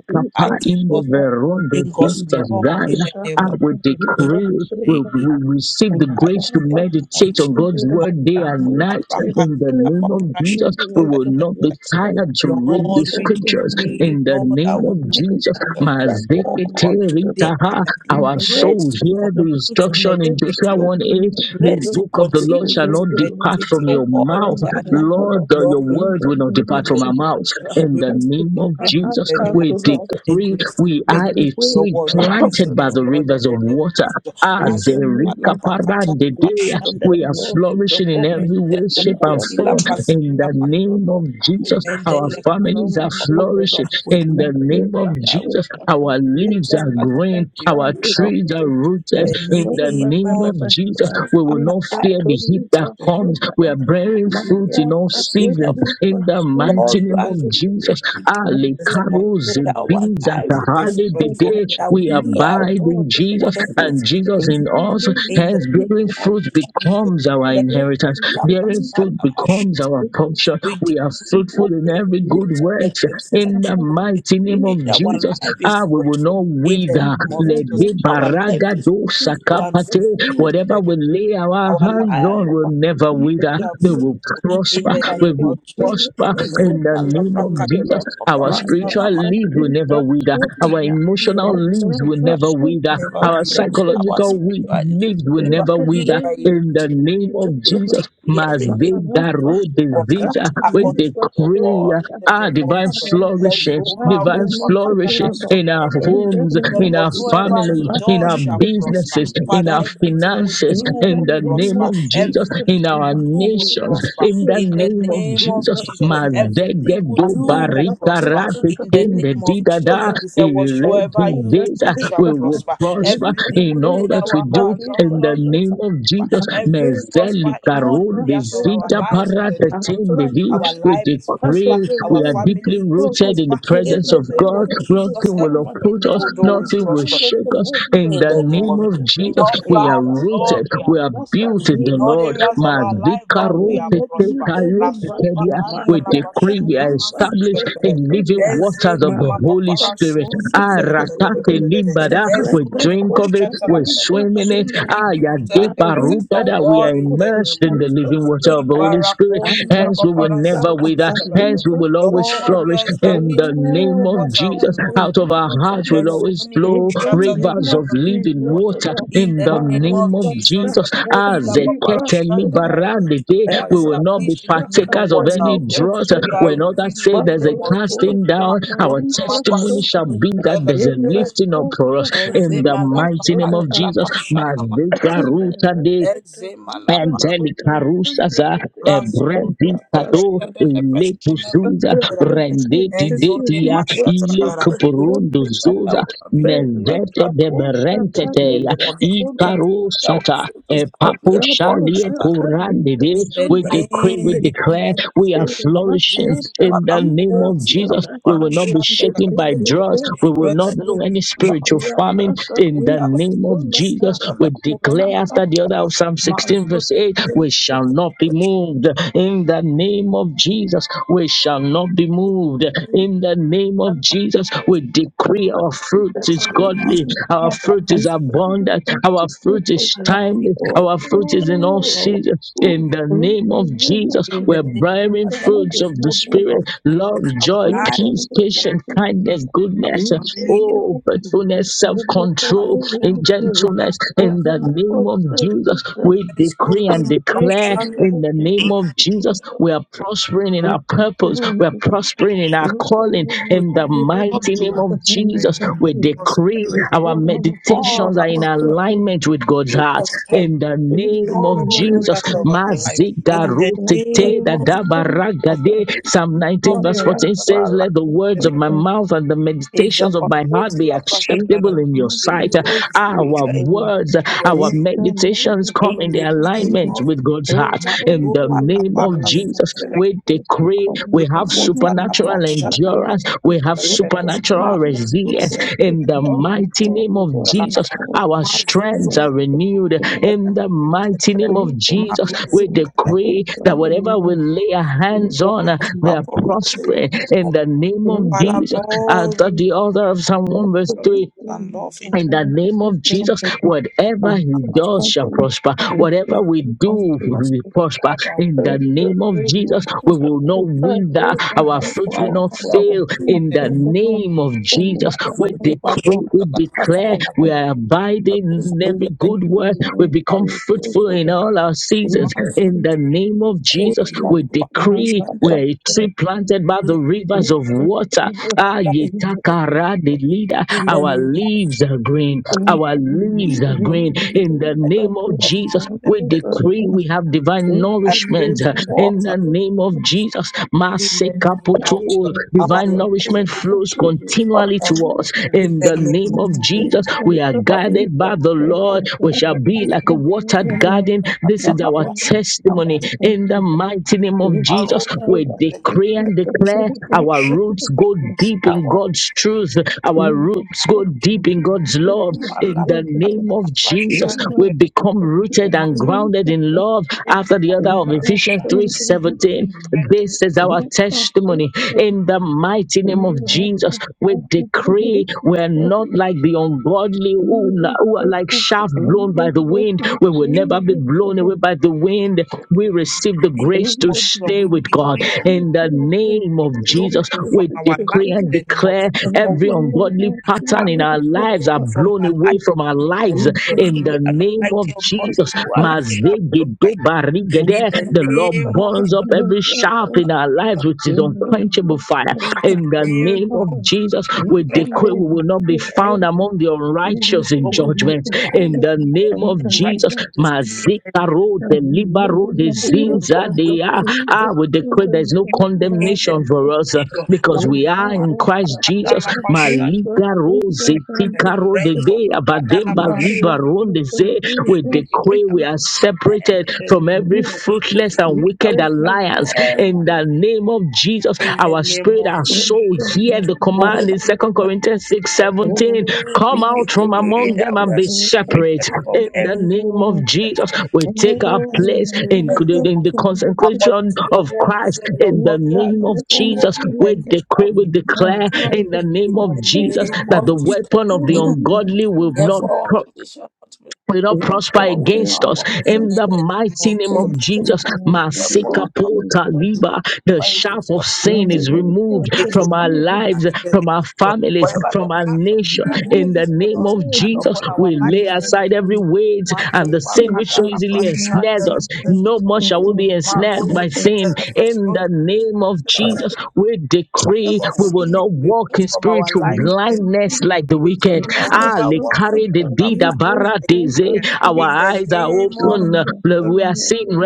A: in the
B: light
A: veronda
B: in God's law
A: Jesus
B: in the
A: I
B: name of
A: will
B: the
A: decree, we
B: Lord
A: we receive the
B: life
A: grace to
B: in the name of
A: meditate
B: Jesus.
A: on God's word day and night. In the name of Jesus, we will not be tired to read the
B: Lord, we
A: scriptures.
B: decree,
A: In the
B: Lord, I
A: name of
B: will
A: Jesus,
B: meditate on your
C: not be
A: Mazekete
C: rich
B: word
C: with the
B: day and
A: Ritaha,
B: night.
C: in
A: our
C: the
B: The grace to
A: souls
C: name
A: hear the
C: of Jesus,
B: continue to
C: I
A: instruction
C: pray
A: in
C: that
B: meditate
A: Joshua
C: in
B: your
A: one
C: the
A: eight.
B: the
C: name of
A: The
B: grace
C: Jesus,
B: to
A: book of the Lord
C: because
B: continue
A: shall
C: you
A: not
B: to
C: put love
A: depart
B: meditate
A: from
B: your
A: your
C: is
B: word
A: mouth.
C: upon my
B: day and night.
C: home, O
A: Lord,
C: Lord.
A: uh, your
B: Lord, we
C: In
A: word
C: the
A: will
B: receive
A: not
B: it
C: name of
A: depart
B: in the
A: from
B: name
A: our
C: Jesus,
A: mouths.
B: of
C: I
B: Jesus.
A: In
B: We
A: the
C: want
B: receive
C: to
A: name
B: the
A: of
B: grace
C: pass
B: in
A: Jesus,
B: the
C: out,
B: name of
C: O
A: we
B: Jesus.
C: Lord,
B: The
A: decree
B: grace to
A: we
C: of
A: are
C: the
A: a
B: meditate
C: way
B: your
A: tree
B: word, we
C: of
B: receive
C: the
A: planted by
B: it,
A: the
C: Lord, O
B: Lord,
C: Lord.
B: in
A: rivers of
B: the name of
A: water.
B: Jesus.
C: In the
B: Mazuma
C: name
B: la
A: Azerika
C: of
B: pakata
C: Jesus,
A: Parande
C: the
A: Dea.
C: hand of
B: prashanda
C: the
A: We are
C: Lord is
A: flourishing in
C: upon me.
A: every way,
B: metele
A: shape,
C: In
A: and
C: the
B: koti la
A: form.
C: name of
A: In the
B: prasada
C: Jesus, O
A: name of
C: Lord, I will
A: Jesus,
C: still
A: our
B: endele
C: receive
B: koti
C: no
A: families
B: la
A: are
C: money,
B: papa.
C: O
A: flourishing.
C: Lord.
B: We
A: In the
C: Mare
A: name
B: decree
A: of
B: that
C: baso
A: Jesus,
B: we
C: kata
A: our
B: decree that
C: lita
A: leaves
B: is
A: are
B: planted by
C: baba
A: green,
B: the
A: our
C: shambi
B: river
A: trees are
C: nikiri.
B: in
A: rooted.
B: the
A: In the
B: name
A: name
B: of
A: of Jesus,
B: Jesus.
A: we will
B: Our
A: not
C: Lita
A: fear
B: life,
A: the heat
C: turi
A: that
B: children,
C: baso
A: comes. We
C: naya.
A: are bearing
B: we
A: fruit in
C: Maya
A: all
B: put in
C: kata
B: our
A: seasons.
C: lita
B: faith.
A: In the
C: baso
A: mighty
B: Lord,
A: name
C: naya
A: of
B: as we
A: Jesus,
B: pray.
A: Ali
B: this morning
C: nikiri.
B: that
A: it
B: our
A: be that
B: life
C: For
B: will be
C: so
A: hardly the
B: fruitful,
C: that
A: day
B: that
C: the
A: We
C: hand
B: we
C: of
B: are
C: the
A: abide in
C: Lord is
B: bringing
A: Jesus
C: upon
B: forth
C: us.
B: fruit
A: and
B: in
A: Jesus
B: every
C: In
A: in
C: the
B: season.
A: us.
C: name
B: In
C: of
B: the
A: Hence, bearing
B: name
C: Jesus, I
B: of
A: fruit
B: Jesus,
A: becomes our
B: let
C: bless you, I bless
A: inheritance.
B: Kila
C: you,
A: Bearing fruit
B: Prasana
A: becomes
B: Mashata,
A: our
C: I
A: portion.
B: we
A: We are
B: decree
A: fruitful
B: will
A: in
B: be
A: every
C: bless
A: good
B: fruit
C: you,
A: work.
B: in
C: I
B: every season.
A: In the
C: bless you.
B: We
A: mighty
C: We
A: name
C: bless you, I bless you, I
A: of
B: decree that our
A: Jesus,
B: life
A: ah,
B: is
A: we will
B: fruitful.
A: not
B: In
C: bless
B: the
C: you,
A: wither.
C: I
B: name of
C: bless you. We bless you, I
A: Lede
B: Jesus,
C: bless
B: our
C: you,
B: life
C: I
A: baraga
C: bless
B: is
A: do
C: you. We
B: fruitful and
A: sakapate.
B: fulfilled in
A: Whatever
B: the name.
A: we lay our
B: Our
A: hands on
B: life
A: will never
B: is
A: wither.
B: fulfilled
C: bless
B: and
A: They
C: you,
A: will
B: fruitful in
A: prosper.
B: the
C: I
A: We
B: name
A: will
B: of
C: bless
B: Jesus.
A: prosper
C: The
A: in
C: Lord
A: the
C: that the Spirit
A: name of
C: of the Lord is upon me,
B: Ezopalabraka-
A: Jesus.
C: Lord.
A: Our
C: My
A: spiritual
C: young God,
A: lead will
C: we
A: never
C: bless
A: wither.
C: you,
B: indeed
C: my
A: Our
C: young.
B: we decree
A: emotional
B: our
C: And I
A: leads
B: spiritual
A: will
B: life
A: never
C: bless
B: will
C: you,
A: wither.
B: never
C: God, I
A: Our
C: bless
B: wither. Our
A: psychological we-
C: you.
B: spirituality
A: needs
B: will
A: will
C: In
B: never
A: never
C: the
A: wither.
B: wither
C: name
B: in
C: of
A: In the
B: Nigeria.
A: name of
C: Jesus, O
B: We
C: Lord,
A: Jesus,
B: decree everything to
C: Maharashtra,
A: Mazdegaro
B: prosper
A: Devita, we
B: according to the
C: Nibaso, in
A: decree uh,
B: word in the
A: our
B: name of
A: divine
B: Jesus. Let
A: flourishing,
B: Zoma
C: the
A: divine
C: name
B: Roba
C: of
A: flourishing
B: Katala
A: in our
B: Sotra.
A: homes,
B: You said
A: in our
B: whatsoever
C: Jesus,
B: he
A: families,
C: my
A: in
B: does
A: our
C: hand
B: shall
C: will
B: prosper.
C: be
A: businesses, in
B: Father,
A: our
C: healed.
B: everything we
A: finances
B: do
C: In
A: families,
C: the
A: in
B: will
A: the
C: name
A: name
B: prosper.
C: of
A: of Jesus,
C: Jesus,
B: Everything
A: in our
C: my
B: we do will
A: nations,
C: labor,
B: prosper
A: in the
C: so
B: in the
C: cut
A: name
C: a
A: of
B: name of
A: Jesus.
C: river,
B: Jesus.
C: In
B: Everything we
A: Mazegedo
B: do
C: the
B: will
C: Araba, so
B: prosper
C: cut
A: barikarate
C: a
B: in the
C: river,
A: tende
B: name
C: so
B: of Jesus.
A: didada,
C: my
B: He said, Whatsoever
C: Ephraim,
B: you
C: so
A: eredideza.
B: do shall
A: We
C: cut a
A: will
B: prosper.
A: prosper
C: river,
B: Everything
A: in
B: we
C: so
A: all
B: lay
A: that we
B: our
C: cut
A: do
C: a
B: hand on,
A: in the
B: Lord, it
C: river,
A: name
B: will
A: of
B: prosper.
A: Jesus.
B: Every
A: Mezeli
B: prosper in all
A: karunde
B: areas of
C: Azekasakalibasoba,
B: our
A: zita
B: lives in the
A: parate
B: name of
A: tende
B: Jesus.
A: di.
B: Our
A: We
B: life is
C: I of
B: prosper,
A: decree
C: the
A: we
B: our
A: are
C: world is
A: deeply
C: a
B: family is
A: rooted
C: prophet.
A: in the
B: prosper
C: The hand
B: in
A: presence
B: the
C: of
A: of
C: the
B: name
A: God.
B: of
C: Lord is
B: Jesus.
A: Nothing
C: upon
A: will
C: my
A: uproot
B: Everything
A: us,
C: life.
B: will always
A: nothing
C: The
A: will
B: prosper.
C: hand of
A: shake
C: the
A: us.
C: Lord is
A: In
B: In
A: the
B: the
C: upon my
B: name
A: name
B: of
A: of
C: life.
B: in
A: Jesus,
B: all
A: we
C: If
A: are
C: I
B: sides,
C: fall
B: Lord,
A: rooted,
B: we are
C: short,
A: we are
C: that
B: prosper.
C: I
A: built in
C: live
A: the
B: In all
C: a
A: Lord.
C: soul,
B: areas of our life,
C: I I
B: Lord, we
C: will
B: are
C: not
B: prosper.
C: lose any
B: La sopa
C: battle. My
B: kanda
A: We
B: la
C: yaka
A: decree we are
B: pashana
C: liver
B: masu
A: established
C: so
A: in
B: zelekelele.
A: living
C: cotolia.
A: waters
B: Ezeni
A: of
C: My
A: the
B: ma
A: Holy
B: papara
C: fast
A: Spirit.
B: suzu
C: Rebecca
B: zelekelelelelelele.
A: We
B: Ezoni ma
A: drink of it,
B: shata
A: we
B: lakelelele.
C: liver
A: swim in it.
B: We
C: sola.
B: are deeply rooted in
C: I
B: the presence
C: live a
B: of
A: Ayadebarukada. We
C: so
A: are
B: God in the
A: immersed
B: name
A: in
B: of
A: the living water of the Holy Spirit.
B: Jesus.
A: Hence,
C: cotolia.
A: we will never wither with our we will always
C: Sakatalikasodaya.
B: Lord, we
A: flourish
B: are
A: in
B: established
A: the
B: in the
A: name
B: living
C: Oh,
A: of
C: my
B: water of
A: Jesus.
B: the
C: hand to
B: Holy
A: Out of our
C: thee,
B: Ghost.
A: hearts
C: O
A: will
C: Lord.
A: always
B: Mezoni
C: In
A: flow
C: the
B: mashata the
C: name
A: rivers of
C: of
B: river of the
A: living
B: living
C: Jesus,
B: water.
C: O
A: water
C: Lord.
B: In
A: in
B: the
A: the
B: name
A: name
B: of
A: of
B: Jesus, the
A: Jesus.
B: Kodi
A: As
B: la
A: a
B: papara
A: kettle
B: shanda la
C: Marabasakatalibasodaya.
B: gada.
A: liberande,
B: we are
A: we will not be
B: established in the living
A: partakers of
B: water
A: any
B: of God.
A: drought.
B: We are
C: Erabasakatalibasodaya.
A: When
B: living
A: others
B: in
A: say
B: the
A: there's a
B: name of Jesus.
A: casting down, our
B: Mazoni
A: testimony shall
B: mapasozu
A: be
C: Marabosakatalibasodaya.
B: la
A: that there's a
B: gada.
A: lifting up for us in the
B: Ezema la
A: mighty name
B: pakati
A: of
C: Erabosakatalibasodaya.
B: la
A: Jesus.
B: pashana mazela.
A: Mazdegaruta de
B: Ezema la paro
A: Angelica
C: Mereketalibasodaya.
A: Rusaza,
B: Razo
A: Ebredi
B: le
A: Kado,
C: Handikete.
B: kede le
A: Ile
B: preshene me
C: Thank
A: Kusuza,
C: you.
B: terakale.
A: Rende
B: Ezone
A: Didetia,
B: masha
A: Ile
B: terakale. We
A: Kupurondo
B: decree God that
A: Zuza,
B: will not be like
A: Nezete
B: that
A: de
B: of them in the
A: Berentetea,
B: name of the we decree
A: Ikaru
B: that our
A: sata
B: food is
A: e papo
B: godly
A: shalia
B: abundant and
A: kurande
B: in the
A: We decree, we
B: name
A: declare,
B: of
A: we are
B: Jesus.
A: flourishing
B: Mazuzu
A: in the name of
B: palakoti la
A: Jesus. We will not be
B: paparashanda la
A: shaken by drought.
B: kadadadadadada.
A: We will not know
B: rezuni
A: any spiritual
B: mashata
A: famine in
B: we
A: the
B: are
A: name of Jesus. We
B: la koti
A: declare
B: la
A: after the other
B: papapa
A: of Psalm 16 verse
B: mazuzu
A: 8, we shall not be moved in the name of Jesus. We shall not be
B: In
A: moved
B: the
A: in in the name of Jesus, we decree our fruit is
B: name of our
A: godly,
B: Lord,
A: our
B: our
A: fruit is abundant, our fruit is
B: lives,
A: timely, our fruit is in all
C: Oh,
A: seasons. In the
C: In
A: name
C: the
A: of
C: name of
A: Jesus, we're
C: Jesus, I
A: bearing
C: cannot be
A: fruits of the
C: my brother.
A: Spirit love, joy,
C: In the
A: peace,
C: name of
A: patience,
C: Jesus,
A: kindness,
B: our
A: goodness,
C: in the
B: family,
C: name
A: oh,
C: of Jesus, I
A: faithfulness, self
C: will not from
B: our
A: control,
C: glory
A: and
B: home,
C: to glory.
A: gentleness.
C: We
B: our
A: In
C: will
A: the
C: move
A: name
C: on
A: of
C: straight to
A: Jesus,
C: strength.
A: we
B: friends, Lord,
A: decree and
B: in
A: declare
B: our
C: In
A: declare
C: the name
B: children,
A: in
C: of
A: the name
C: Jesus,
A: of
C: we pray
A: Jesus,
C: that
A: we are prospering in
C: we
A: our
C: take
A: purpose,
C: care of
A: we are
C: it.
A: prospering in our
C: In the
A: calling.
C: name of
B: with
A: In the
C: Jesus,
B: you,
C: we
B: Lord,
C: pray
A: mighty
B: we
A: name
B: are
A: of
C: that we may
A: Jesus,
B: praying
C: not
B: in the
A: we
C: be-
A: decree
C: we
B: prosperity
A: our
C: fall out of
B: in
C: it and
B: all
A: meditations are in
B: our
C: fall to
B: God.
C: sin.
A: alignment with
B: We
A: God's
B: pray
A: heart.
B: prosperity
A: In the
C: In
B: in
C: the
A: name of
B: all
C: name of
A: Jesus,
B: areas of our
C: Jesus,
B: life.
C: my
B: In the
C: God, I
A: Mazigarotete
B: name of
C: thank you.
A: dadabaragade.
B: prosperity
A: Psalm
B: in all
A: 19, verse
C: Lord,
B: areas
A: 14
B: of
C: I
A: says,
B: our life.
A: Let the words
B: And
C: Thank
A: of
B: it
A: my mouth and the
B: is
A: meditations of
B: upon
A: my heart
B: forty
A: be
B: la
A: acceptable
B: prashana
A: acceptable
C: you.
A: in your
B: with
C: make
B: the
C: me
A: sight.
C: see.
B: great
A: Our
B: spiritual
C: And
A: words,
B: increase and
A: our
C: if the
B: resilience
C: name
A: meditations
C: of
A: come
B: in
A: in
C: Jesus
A: the
B: the
C: is
B: name
C: the
A: alignment
B: of
A: with God's
C: Lord,
A: heart.
C: the Lord,
A: In the
C: the Lord,
B: Madhuma
C: the Lord,
A: name
C: the
B: Lapara
A: of Jesus,
C: Lord,
B: Suzelek
A: we
C: the Lord, the
A: decree
C: Lord,
A: we
C: the
A: have
C: Lord,
B: Rekota La
C: the Lord,
A: supernatural
C: the
B: Prashana
A: endurance,
C: Lord, if
A: we have
B: Masuzelek
C: the name
A: supernatural
C: of
B: Marutu
A: resilience.
C: Jesus
B: Selesu
C: is
A: In the
C: the Lord, the Lord, the Lord,
A: mighty name
C: the
A: of
C: Lord,
A: Jesus,
B: Zelakada
A: our
C: the
A: strengths are
B: Mazuzu
A: renewed.
C: Lord, the Lord, if the
A: In the mighty
B: Zelek
A: name of
C: name of Jesus is the
A: Jesus,
B: Maruzu
A: we
C: Lord, the Lord, the Lord,
A: decree
C: the
A: that
B: Zelek
A: whatever we lay our hands on,
B: Walk
A: uh,
B: of
A: we are
B: Paparos in
A: prospering. In
B: the
A: the name
C: Lord,
A: of
C: the Lord,
B: Father
C: the
A: Jesus, out
C: Lord,
A: of
B: Lord
A: the order of Psalm 1
C: Thank
A: verse
B: your truth
A: 3,
B: and love in the
A: in the name of Jesus,
B: man, no
A: whatever
B: man can
A: he does
B: pursue
A: shall prosper. Whatever
B: you
A: we
B: prosper
A: do
B: us,
A: will prosper.
B: Lord, that
A: In the name of
B: we do
A: Jesus, we
B: not
A: will not wither.
B: you
A: Our fruit
B: prosper
A: will
B: us,
A: not
B: Lord, that
A: fail.
B: we do
A: In
B: in
A: the
B: the name
A: name of
B: of
A: Jesus, we
B: Mazoni
A: decree, we
B: Mashatala Katala
A: declare,
B: Katala
A: we are abiding in
B: Mazuzu
A: every good
B: Selekara
A: word. We become
B: Zuzu
A: fruitful in all our seasons.
B: Mazu
A: In the name of Jesus,
B: Kodila
A: we
B: Papa
A: decree, we
B: Shandele
A: are a tree planted by the river rivers of water. Ah,
C: you.
A: yetakara de leader.
B: in the
A: Our
B: name of Jesus,
A: leaves are green.
B: that you
C: Thank
A: Our
B: heal,
A: leaves are
B: Lord,
A: green.
B: I will
A: In the
B: thank
A: name of
B: you,
A: Jesus,
B: Lord, and
A: we
B: I will
A: decree
B: thank
A: we
B: you.
A: have divine
B: I
A: nourishment.
B: pray for
A: In the name of Jesus,
B: in the name
A: masekapoto,
B: of Jesus. Our life
A: divine
B: will
A: nourishment flows
B: be
A: continually
B: restored
A: to us.
B: in
A: In
B: the
A: the
B: name
A: name
B: of
A: of
B: Jesus.
A: Jesus,
B: We give
A: we
B: it
A: are
B: for you,
A: guided by the
B: Lord,
A: Lord.
B: in
A: We
B: the
A: shall
B: name
A: be
B: of
A: like a watered
B: Jesus.
A: garden. This is our
B: Katalabasha,
A: testimony testimony
B: Namas,
A: in the mighty name of Jesus.
B: Arozo,
A: We
B: Telekete,
A: decree and declare our
B: Nemeshe,
A: roots go deep in
B: Awa,
A: God's truth, our roots go deep in God's love. In
B: Kumala,
A: the name of Jesus,
B: Katalabasha,
A: we become rooted and
B: Nemas,
A: grounded in
C: you.
A: love after the other
C: Thank
A: of Ephesians
B: Kutalabasha,
A: 3:17.
B: Nemete,
A: This
B: Nemete,
A: is our testimony in the mighty name of Jesus. We decree we are not like the ungodly who who are, who are like shaft blown by the wind. We will
B: Nemete, in
A: never be
B: the
A: blown away by the wind. We receive the
B: name
A: grace to
B: of Jesus.
A: stay
B: We
A: with God.
B: decree, oh,
A: In the name
B: we
A: of
B: blown
A: Jesus,
B: away from
A: we
B: our life
A: decree
B: in
A: and
B: the name of
A: declare
B: Jesus
A: every ungodly pattern
B: have
A: in our
B: been blown
A: lives are
B: away from
A: blown
B: our life.
A: away from our lives.
B: in the name
A: In
B: of Jesus.
A: the
B: We are not
A: name
B: like
A: of
B: the
A: Jesus,
B: ungodly who are like sharp look by you. In
A: Mazegedobarigede,
B: the
A: the Lord
B: name of
A: burns up
B: Jesus,
A: every
B: we pray
C: you.
B: that we
A: shaft in
B: not
A: our
B: find.
A: lives
B: out.
A: with his
C: In the name
A: unquenchable
C: of
A: fire.
C: Jesus,
B: In
C: God,
A: In
B: the
A: the
C: thank
B: name
C: you,
A: name of
B: of
C: Father.
A: Jesus,
C: In
B: we
A: we
B: pray
C: the
B: that we
A: decree we
C: name
A: will
C: of
A: not be
C: Jesus, we will
A: found
C: be
A: among the
C: in the
A: unrighteous in
B: we will not
C: name of
B: be
A: judgment.
C: Jesus.
B: find
A: In
C: In
A: the
C: the
A: name
C: name
A: of
B: out in
A: Jesus,
C: of
B: righteousness. In the
A: Mazika
B: name
A: road, the
C: Jesus, we
A: libero, the
C: will
B: of
C: serve
B: walk
A: zinza,
C: the
B: with
A: they
C: Father,
A: are.
C: in
A: Ah, we decree
C: the
A: there is
C: name
A: no
C: of
B: in the
A: condemnation
B: name
C: Jesus.
A: for
B: of
A: us uh,
B: Jesus. Ma-
A: because
C: In
A: we
C: the
A: are
C: name
B: ma-
A: in
C: of
B: pa-
A: Christ
C: Jesus,
B: pa- da-
A: Jesus.
B: la-
C: we
B: pa- sha- na- ma-
A: Malika rose,
B: se-
C: will
B: re-
C: serve
B: se-
C: the
A: tika road,
B: re.
A: the
B: Re-
C: Father.
A: day,
B: to- pa- da- la-
A: abademba
B: pa- sha-
C: Maria,
B: na-
A: libero,
B: ma-
A: the
B: se-
A: ze.
B: re.
A: We
B: We decree
A: decree we are separated
B: that
A: from every fruit
B: the
A: ruthless and
B: decree that
A: wicked
B: we shall
C: you
A: alliance
B: them
A: in
B: on
A: the
B: it.
A: name of Jesus.
B: in the
A: Our
B: name
A: spirit,
B: of
A: and
C: the
A: soul, hear
B: Jesus.
A: the
B: Oh, Lord,
A: command in Second
C: not
B: Lord,
A: Corinthians 6
B: in the name
C: Oh,
B: of
A: 17.
B: Jesus, we
A: Come
C: my
A: out from
C: Thank you.
B: decree
A: among them
B: that we
A: and
B: are
A: be separate.
B: separated from
A: In the
B: every
A: name of
C: Oh,
B: blessing.
A: Jesus, we
C: I love
A: take our
C: you. In
A: place
C: the
B: In
A: in,
C: name of
B: the
C: Jesus,
B: name
A: in
B: of
A: the
C: my
B: Jesus. According
A: consecration
B: to your
A: of
B: word, you
A: Christ.
B: said your
A: In the
B: godly are
A: name
B: not
A: of
B: so,
A: Jesus,
B: but we
A: we
B: like a shall
A: decree, we
B: be
C: God,
A: declare
C: my
B: prepared.
C: God,
A: in the name of
C: I
B: In the
C: bless
A: Jesus
C: you.
B: name
A: that the
B: of Jesus.
A: weapon of
C: In the
A: the
C: name of
A: ungodly will
C: Jesus,
A: not
B: Therefore,
A: pro-
B: unconditional ultimate
A: will not
C: in
B: judgment,
A: prosper
B: there will
C: the name of Jesus, my God,
B: be
C: I
B: no
A: against us
C: bless
B: our portion
A: in
B: in
A: the
C: you.
B: the name
A: mighty
B: of
A: name
B: Jesus.
C: In
A: of
B: We
A: Jesus.
B: just need
C: the name of
B: weapon of
C: Jesus,
A: Masekapota
B: what you
A: liba. The
B: fight
A: shaft
B: against
A: of
B: us in the
A: sin
B: name
A: is
B: of
A: removed
B: Jesus. It
A: from
B: will not
A: our lives,
B: stand in the
A: from
B: name
A: our
B: of Jesus.
A: families,
B: Whatever
A: from
B: the
A: our
B: plans of
A: nation.
B: the devil
A: In the
B: is will
A: name
B: not
A: of
B: stand
A: Jesus,
B: upon our
A: we
B: life
A: lay
B: in the
A: aside
B: name of
A: every
B: Jesus.
A: weight and the
B: Mazuba
A: sin which so
B: kadala
A: easily
B: prashanda
A: ensnares us. No more
C: in the
A: shall
B: lezezezezezeze.
A: we be
B: Ma
C: name
A: ensnared
C: of
A: by
B: rozi
A: sin.
B: ketele
A: In
B: prashunda
A: the name of
C: Jesus,
A: Jesus,
B: lezezezezezeze.
A: we
B: The
A: decree
B: shame of
C: I'm
A: we
C: going
A: will
C: to
B: sin is
A: not walk in
B: removed from our
A: spiritual
C: have
B: life
A: blindness like the
B: we just
A: wicked, the wicked.
B: see ever
A: Ah, le
B: walk in
A: carry the
B: spiritual
A: deed of
B: blindness
A: deze.
B: again.
A: Our
B: in the
A: eyes are
B: name of
A: open.
B: Jesus,
A: We are
B: we
A: seeing
B: give you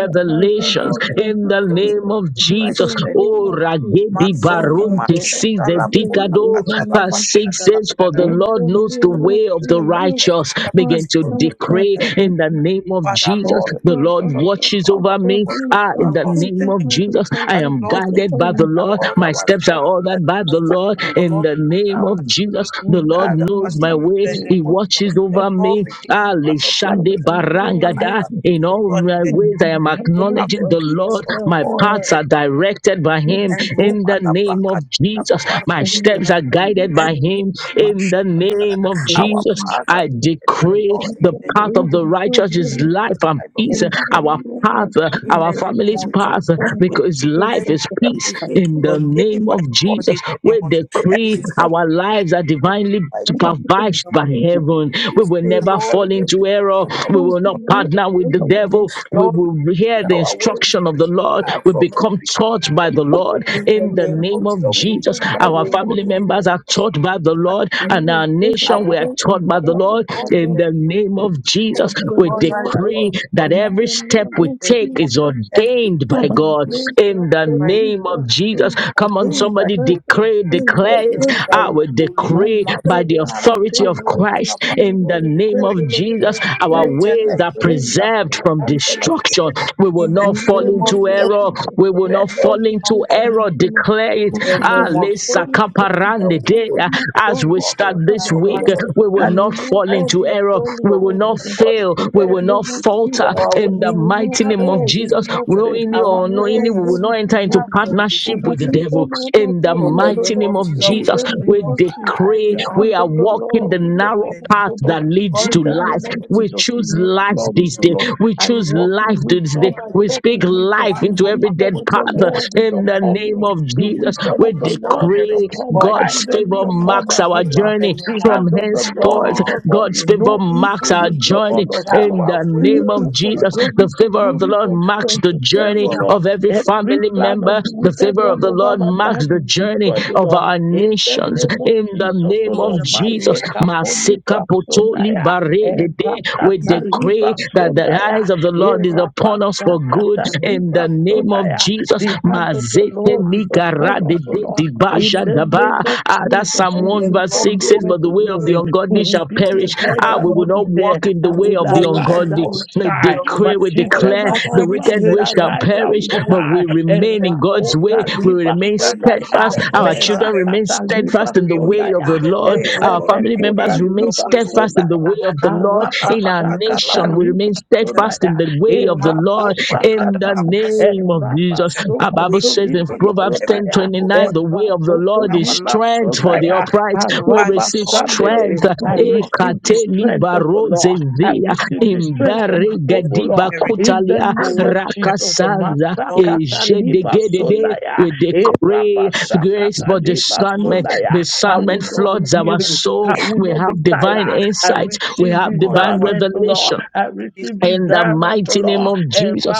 B: the warrior.
A: in the name of
B: Christ
A: Jesus.
B: in the name
A: Oh,
B: of Jesus.
A: ragedi
B: Mazoni
A: barunte sees
B: mashata
A: the
B: la pola
A: dikado.
B: kata la
A: Verse 6
B: pashada la
A: says, For the
B: kadadada.
A: Lord knows the
B: Mezozu
A: way of the
B: zele kete
A: righteous.
B: la
A: Begin to
B: presozu
C: to
B: zele
A: decree in
C: do
A: the
B: kadadada.
A: name of
B: Father
A: Jesus.
B: Lord, we
A: The
B: give
A: Lord
B: you Lord, I
A: watches
B: know
A: over
B: our
A: me.
B: what you do
A: Ah, in the
B: for us in
A: name
B: the name of
A: of Jesus,
B: Jesus.
A: I
B: That
A: am
B: Lord, we
A: guided by the
B: guide
A: Lord.
B: all
A: My
B: our
A: steps are
B: steps in
A: ordered
B: the
A: covered by
B: name of
A: the
B: Jesus.
A: Lord
B: The
A: in
B: Lord,
A: the
B: we order
A: name
B: our
A: of
B: steps. The
A: Jesus.
B: Lord, we
A: The Lord
B: guide our
A: knows my
B: steps in
A: way.
B: the
A: He
B: name of
A: watches
B: Jesus. The
A: over
B: Lord,
A: me.
B: we deem the path of
A: Alishade
B: righteousness in our life
C: this.
A: barangada.
B: and peace,
A: In
B: O
A: all
B: Lord, in
A: my
B: the name
C: Thank
A: ways,
B: of
A: I am
B: Jesus. We have the
A: acknowledging the
B: peace
A: Lord.
B: of
A: My
B: God in
A: paths
B: the
A: are directed by Him
B: and so
A: in the name of
B: Malabaka
A: Jesus. My steps are
B: Lababazuzagar
A: guided
B: and
A: by Him in
B: Masha
A: the name of
B: our
A: Jesus.
B: Father
A: I
B: and my
A: decree
B: Lord in
A: the
B: the name
A: path
B: of
A: of the righteous
B: we
A: is
B: declare the
A: life and
B: life of
A: peace.
B: our
A: Our
B: children
A: path, uh,
B: in
A: our
B: the name
A: family's
B: of Jesus.
A: path, uh,
B: We
A: because
B: declare
A: life is
B: Every step
A: peace.
B: we take is
A: In the
B: ordained
A: name
B: by
A: of
B: God
A: Jesus,
B: in the name
A: we
B: of Jesus. Every
A: decree
B: step
A: our lives are
B: we ordained
A: divinely
B: by
A: supervised
B: God.
A: by heaven. We
B: this
A: will
B: day,
A: never
B: Lord,
A: fall
B: where we
A: into error.
B: start
A: We
B: from
A: will not
B: destruction.
A: partner with the devil. We
B: Lord, we
A: will hear
B: clear
A: the
B: our way, we
A: instruction of the Lord.
B: preserve
A: We
B: from
A: become
B: every
A: taught by the
B: destruction.
A: Lord.
B: In the
A: In the
B: name
A: name
B: of
A: of
B: Jesus, we
A: Jesus,
B: declare
A: our
B: we walk
A: family
B: in the
A: members are
B: light of
A: taught by the
B: life.
A: Lord, and our
B: Our
A: nation we are
B: Lord is
A: taught by
B: taught
A: the
B: by the
A: Lord.
B: Lord in
C: you.
A: In
B: the
A: the
B: name of
A: name
C: But
A: of Jesus. Jesus,
B: Jesus.
A: we
C: the
B: God's eyes
C: Lord
B: are
C: of
A: decree
B: not
C: the
B: on
A: that
B: us.
C: in
A: every
C: the
A: step
C: name
B: In
A: we
C: of
B: the
A: take
B: name of
A: is
C: Jesus,
B: every
A: ordained
B: time
A: by
C: my
A: God
B: we keep on
C: maker
A: in the
C: to
A: name
B: fighting
C: Libra
A: of Jesus.
C: Sunday,
A: Come on,
C: our
B: ordained by
A: somebody
C: steps
B: you,
C: are
B: Lord.
A: decree,
B: It
C: in
B: is
C: thy
A: declare it.
B: ordained by
A: I
C: Jerusalem.
A: will
B: you, O Lord.
C: My
A: decree by the
C: steps are
B: Masuma la
A: authority of
C: ordained with
B: pakata la
A: Christ
C: decree,
A: in
C: with
A: the
C: the
B: pakote
A: name of
C: cradle of
B: selekete.
A: Jesus.
C: thou
A: Our
C: days
B: Retele
A: ways
C: of
A: are
B: kuti la
A: preserved
C: favor,
A: from
B: pakante la
A: destruction.
B: kete.
A: We will
B: In the
A: not
C: in
A: fall
C: the
B: name of
C: name
A: into
C: of
B: Jesus,
A: error.
C: Jesus,
A: We will
C: our
B: bread
A: not
B: or
C: life
A: fall
C: is
B: not
A: into
C: this
B: for you.
C: time
A: error.
C: from
A: Declare it.
B: In
C: we
B: the
A: Ah,
C: will
B: name of
C: storm
A: lesa
B: Jesus, we
C: into
B: pray,
A: kaparande
B: O
C: heaven. We
B: Lord,
A: dea.
B: for the
C: will not
A: As
C: fall
A: we
B: prophet,
A: start
C: into
A: this
C: heaven,
B: narrow
C: O
A: week,
C: Lord.
B: path
A: mistake.
B: of
A: We will
C: We
B: that is
C: will
A: not
C: not
A: fall
B: right
C: fall
B: in
A: into
C: we
B: the
A: error.
C: fall
A: We
B: your
A: will
C: into
B: will
A: not
C: heaven.
B: for the
A: fail.
C: In
A: We
C: the
A: will
B: prayer.
A: not
C: name
B: We
C: of
A: falter
B: declare
C: Jesus,
B: Our way
C: we
A: in the
B: is
C: will not
A: mighty
B: preserved
A: name
B: from
A: of
C: fall, we
A: Jesus.
C: will not
B: destruction.
C: fail, we
A: Knowingly
C: will
B: Our
A: or
C: move
A: unknowingly,
B: way
A: we
C: from
A: will
B: is
A: not
C: glory to
A: enter into
B: preserved
C: glory.
B: from
C: We
A: partnership
C: will
A: with the
B: destruction.
C: move
A: devil.
C: from honor
A: In the
C: to
B: In
C: honor
B: the
C: the
A: mighty
B: name
A: name
B: of
C: Lord.
A: of
B: Jesus,
C: In
B: we
A: Jesus,
C: the name
A: we
C: of
B: God's
C: Jesus,
B: eyes
A: decree
C: the
B: are
A: we
C: hand
B: always
A: are
C: of the
A: walking
C: Lord
A: the
C: is
B: open. In
C: upon
A: narrow
B: the
C: us,
B: name
A: path
B: of
C: O Lord.
A: that leads
B: God,
C: In
A: to
B: the
C: the
B: eyes
A: life.
C: name of
B: of God is
A: We
C: Jesus, we
A: choose
C: will
B: open. to us.
A: life
C: flourish,
A: this
B: In
C: O
A: day.
C: Lord.
A: We
C: I
B: the
A: choose
B: name of
C: walk
B: Jesus,
A: life
C: in
A: this day.
C: wisdom.
B: in the
C: I
B: name
A: We
C: talk
A: speak
C: in wisdom.
A: life
C: The
B: of
A: into every
B: Roma,
C: wisdom
A: dead
C: of
B: forty,
A: path.
C: the
B: that's the
C: Lord is
A: In
B: second.
A: the
C: upon
A: name
C: me.
B: We
A: of
C: The
B: speak
A: Jesus,
B: that
C: wisdom
A: we
C: of
B: we
C: the
B: shall
C: Lord is
B: perish.
A: decree
C: upon
B: For
C: my
B: I
A: God's
C: children, is
A: favor
B: remain in
C: upon
A: marks
C: my
B: God's
A: our
B: will in
C: husband.
B: the
A: journey
C: The
B: name of
A: from
C: hand of the Lord
A: henceforth.
C: is
B: Lord,
C: upon
A: God's
C: me.
B: we
A: favor
C: No
B: decree
A: marks
C: evil
A: our
C: will
B: Lord,
A: journey
C: befall us, O
B: that
A: in
C: Lord.
B: our
A: the
C: We
A: name of
C: go
B: ways are
C: from
A: Jesus. The
C: glory to
A: favor of the
C: glory,
A: Lord
C: from
A: marks
C: strength
A: the
C: to strength,
A: journey
C: O
B: favor
C: Lord.
A: of every
C: Every
A: family
C: plan
A: member.
C: of the
A: The
C: wicked
A: favor of
C: one
A: the
C: over
A: Lord
C: my life
A: marks the
C: is
A: journey
C: destroyed, O
A: of
C: Lord.
A: our
C: In the
A: nations
C: name of
A: in the
C: Jesus, O
A: name
B: in
A: of
C: Lord.
B: the
A: Jesus.
C: Maleka koni
A: Masika potoli
C: brasonaya.
A: baregede. We
B: mighty
C: Rakata
B: name
A: decree
C: liba
A: that the eyes of the Lord is upon us for good
C: Erapashakata
A: in the name of
C: libasodaya.
A: Jesus.
C: The hand of the
A: Zete
C: Lord
B: of
C: is
B: Jesus.
A: nikara
C: upon
A: de
C: us, O
A: de
C: Lord.
A: di
C: In
A: baja
C: the name
A: daba.
C: of
A: Ah, that's
C: Jesus,
A: Psalm
C: we will
A: 1
B: The
C: move
A: verse
C: from
B: Lord
A: 6 says,
C: glory
B: knoweth
A: But the
C: to
A: way of
B: the
A: the
B: way
C: glory.
B: of the
C: We
A: ungodly
C: will
B: righteous,
A: shall
C: be
B: but the
A: perish.
C: the
B: way
C: head
B: of
A: Ah, we
C: and
B: the
A: will
C: not
A: not
C: the tail.
A: walk in the
C: I
A: way
C: will
A: of the
B: ungodly will
C: arise,
B: not
C: I
A: ungodly.
C: will
B: walk in
A: We
B: the way
C: shine.
B: of the
C: My
A: decree, we
B: righteous. I will
C: children,
A: declare
C: my
B: not
A: the
B: perish
C: husband
A: wicked
B: in the
C: will
A: way
B: name
A: shall
B: of
C: arise,
B: God.
C: I
A: perish,
C: will
B: What will
A: but
B: not
A: we
C: shine.
B: perish
A: remain
B: in the
A: in
B: name
A: God's
B: of
A: way.
B: God?
C: Erakota
B: We
A: We will
B: decree
A: remain
B: that the
C: libasodaya.
A: steadfast.
B: wicked way
A: Our
B: shall
A: children
B: perish.
A: remain
C: Merakata
A: steadfast
B: We
A: in the way
B: remain
A: of
B: in
A: the
C: libasodaya.
B: your
A: Lord.
B: way, O
A: Our
B: Lord. We
A: family
C: Erebekota
A: members
B: remain in
A: remain
B: your way, O
A: steadfast in
B: Lord.
A: the
C: libasodaya.
A: way of the Lord.
B: Mazoma la
A: In our
B: pakata la
A: nation,
C: Arapashakata
A: we remain
B: pakata.
A: steadfast
C: libasodaya.
A: in the way of the Lord
B: Mazoma
A: in the
C: Erabashakata,
A: name of Jesus. Our
C: Erabasoko
A: Bible
B: We
A: says in
C: Libra
B: decree, Lord,
A: Proverbs
B: every
A: ten
C: Sodaya,
A: twenty
B: trouble in
A: nine, the way of the
C: Eraboto
A: Lord is
B: our life.
C: Libra
A: strength
B: in the
A: for
B: name
A: the
B: of
C: Sodaya,
A: upright. We
B: Father,
A: receive
B: Lord Jesus,
A: strength.
C: Arabasandere.
B: we will
C: I
B: not walk in
C: receive the
B: the
A: Ekate ni
C: strength of the
A: baro
C: Lord. I
A: zezia,
C: receive
B: love.
C: the
B: Our will
C: strength of
A: imbere
C: above,
B: not
C: O
A: gediba
C: Lord.
B: perish.
C: In the
A: kutalia,
B: We will
C: name
B: not
C: of
B: perish.
C: Jesus,
A: rakasanza,
B: Lord,
C: Masakata
B: we
C: Libra
B: don't
A: ejedegedede.
C: Sodaya,
A: We decree grace for
C: Erabashakata Libra
B: want to
A: discernment.
B: man,
C: Sodaya. I
B: but
A: Discernment
C: will
B: I
C: not
B: love
C: be
A: floods our
C: weary.
B: you.
C: I
A: soul.
C: will
A: We
C: not
A: have
C: be
A: divine
C: tired. I
A: insight. We
C: receive
A: have
B: Lord, I
A: divine
B: our
C: discernment, O
B: soul,
C: Lord.
A: revelation
C: I
B: the
C: receive
B: great
A: in the
C: discernment, O
A: mighty
B: and great
A: name
C: Lord.
A: of
B: inside
C: Eh,
A: Jesus,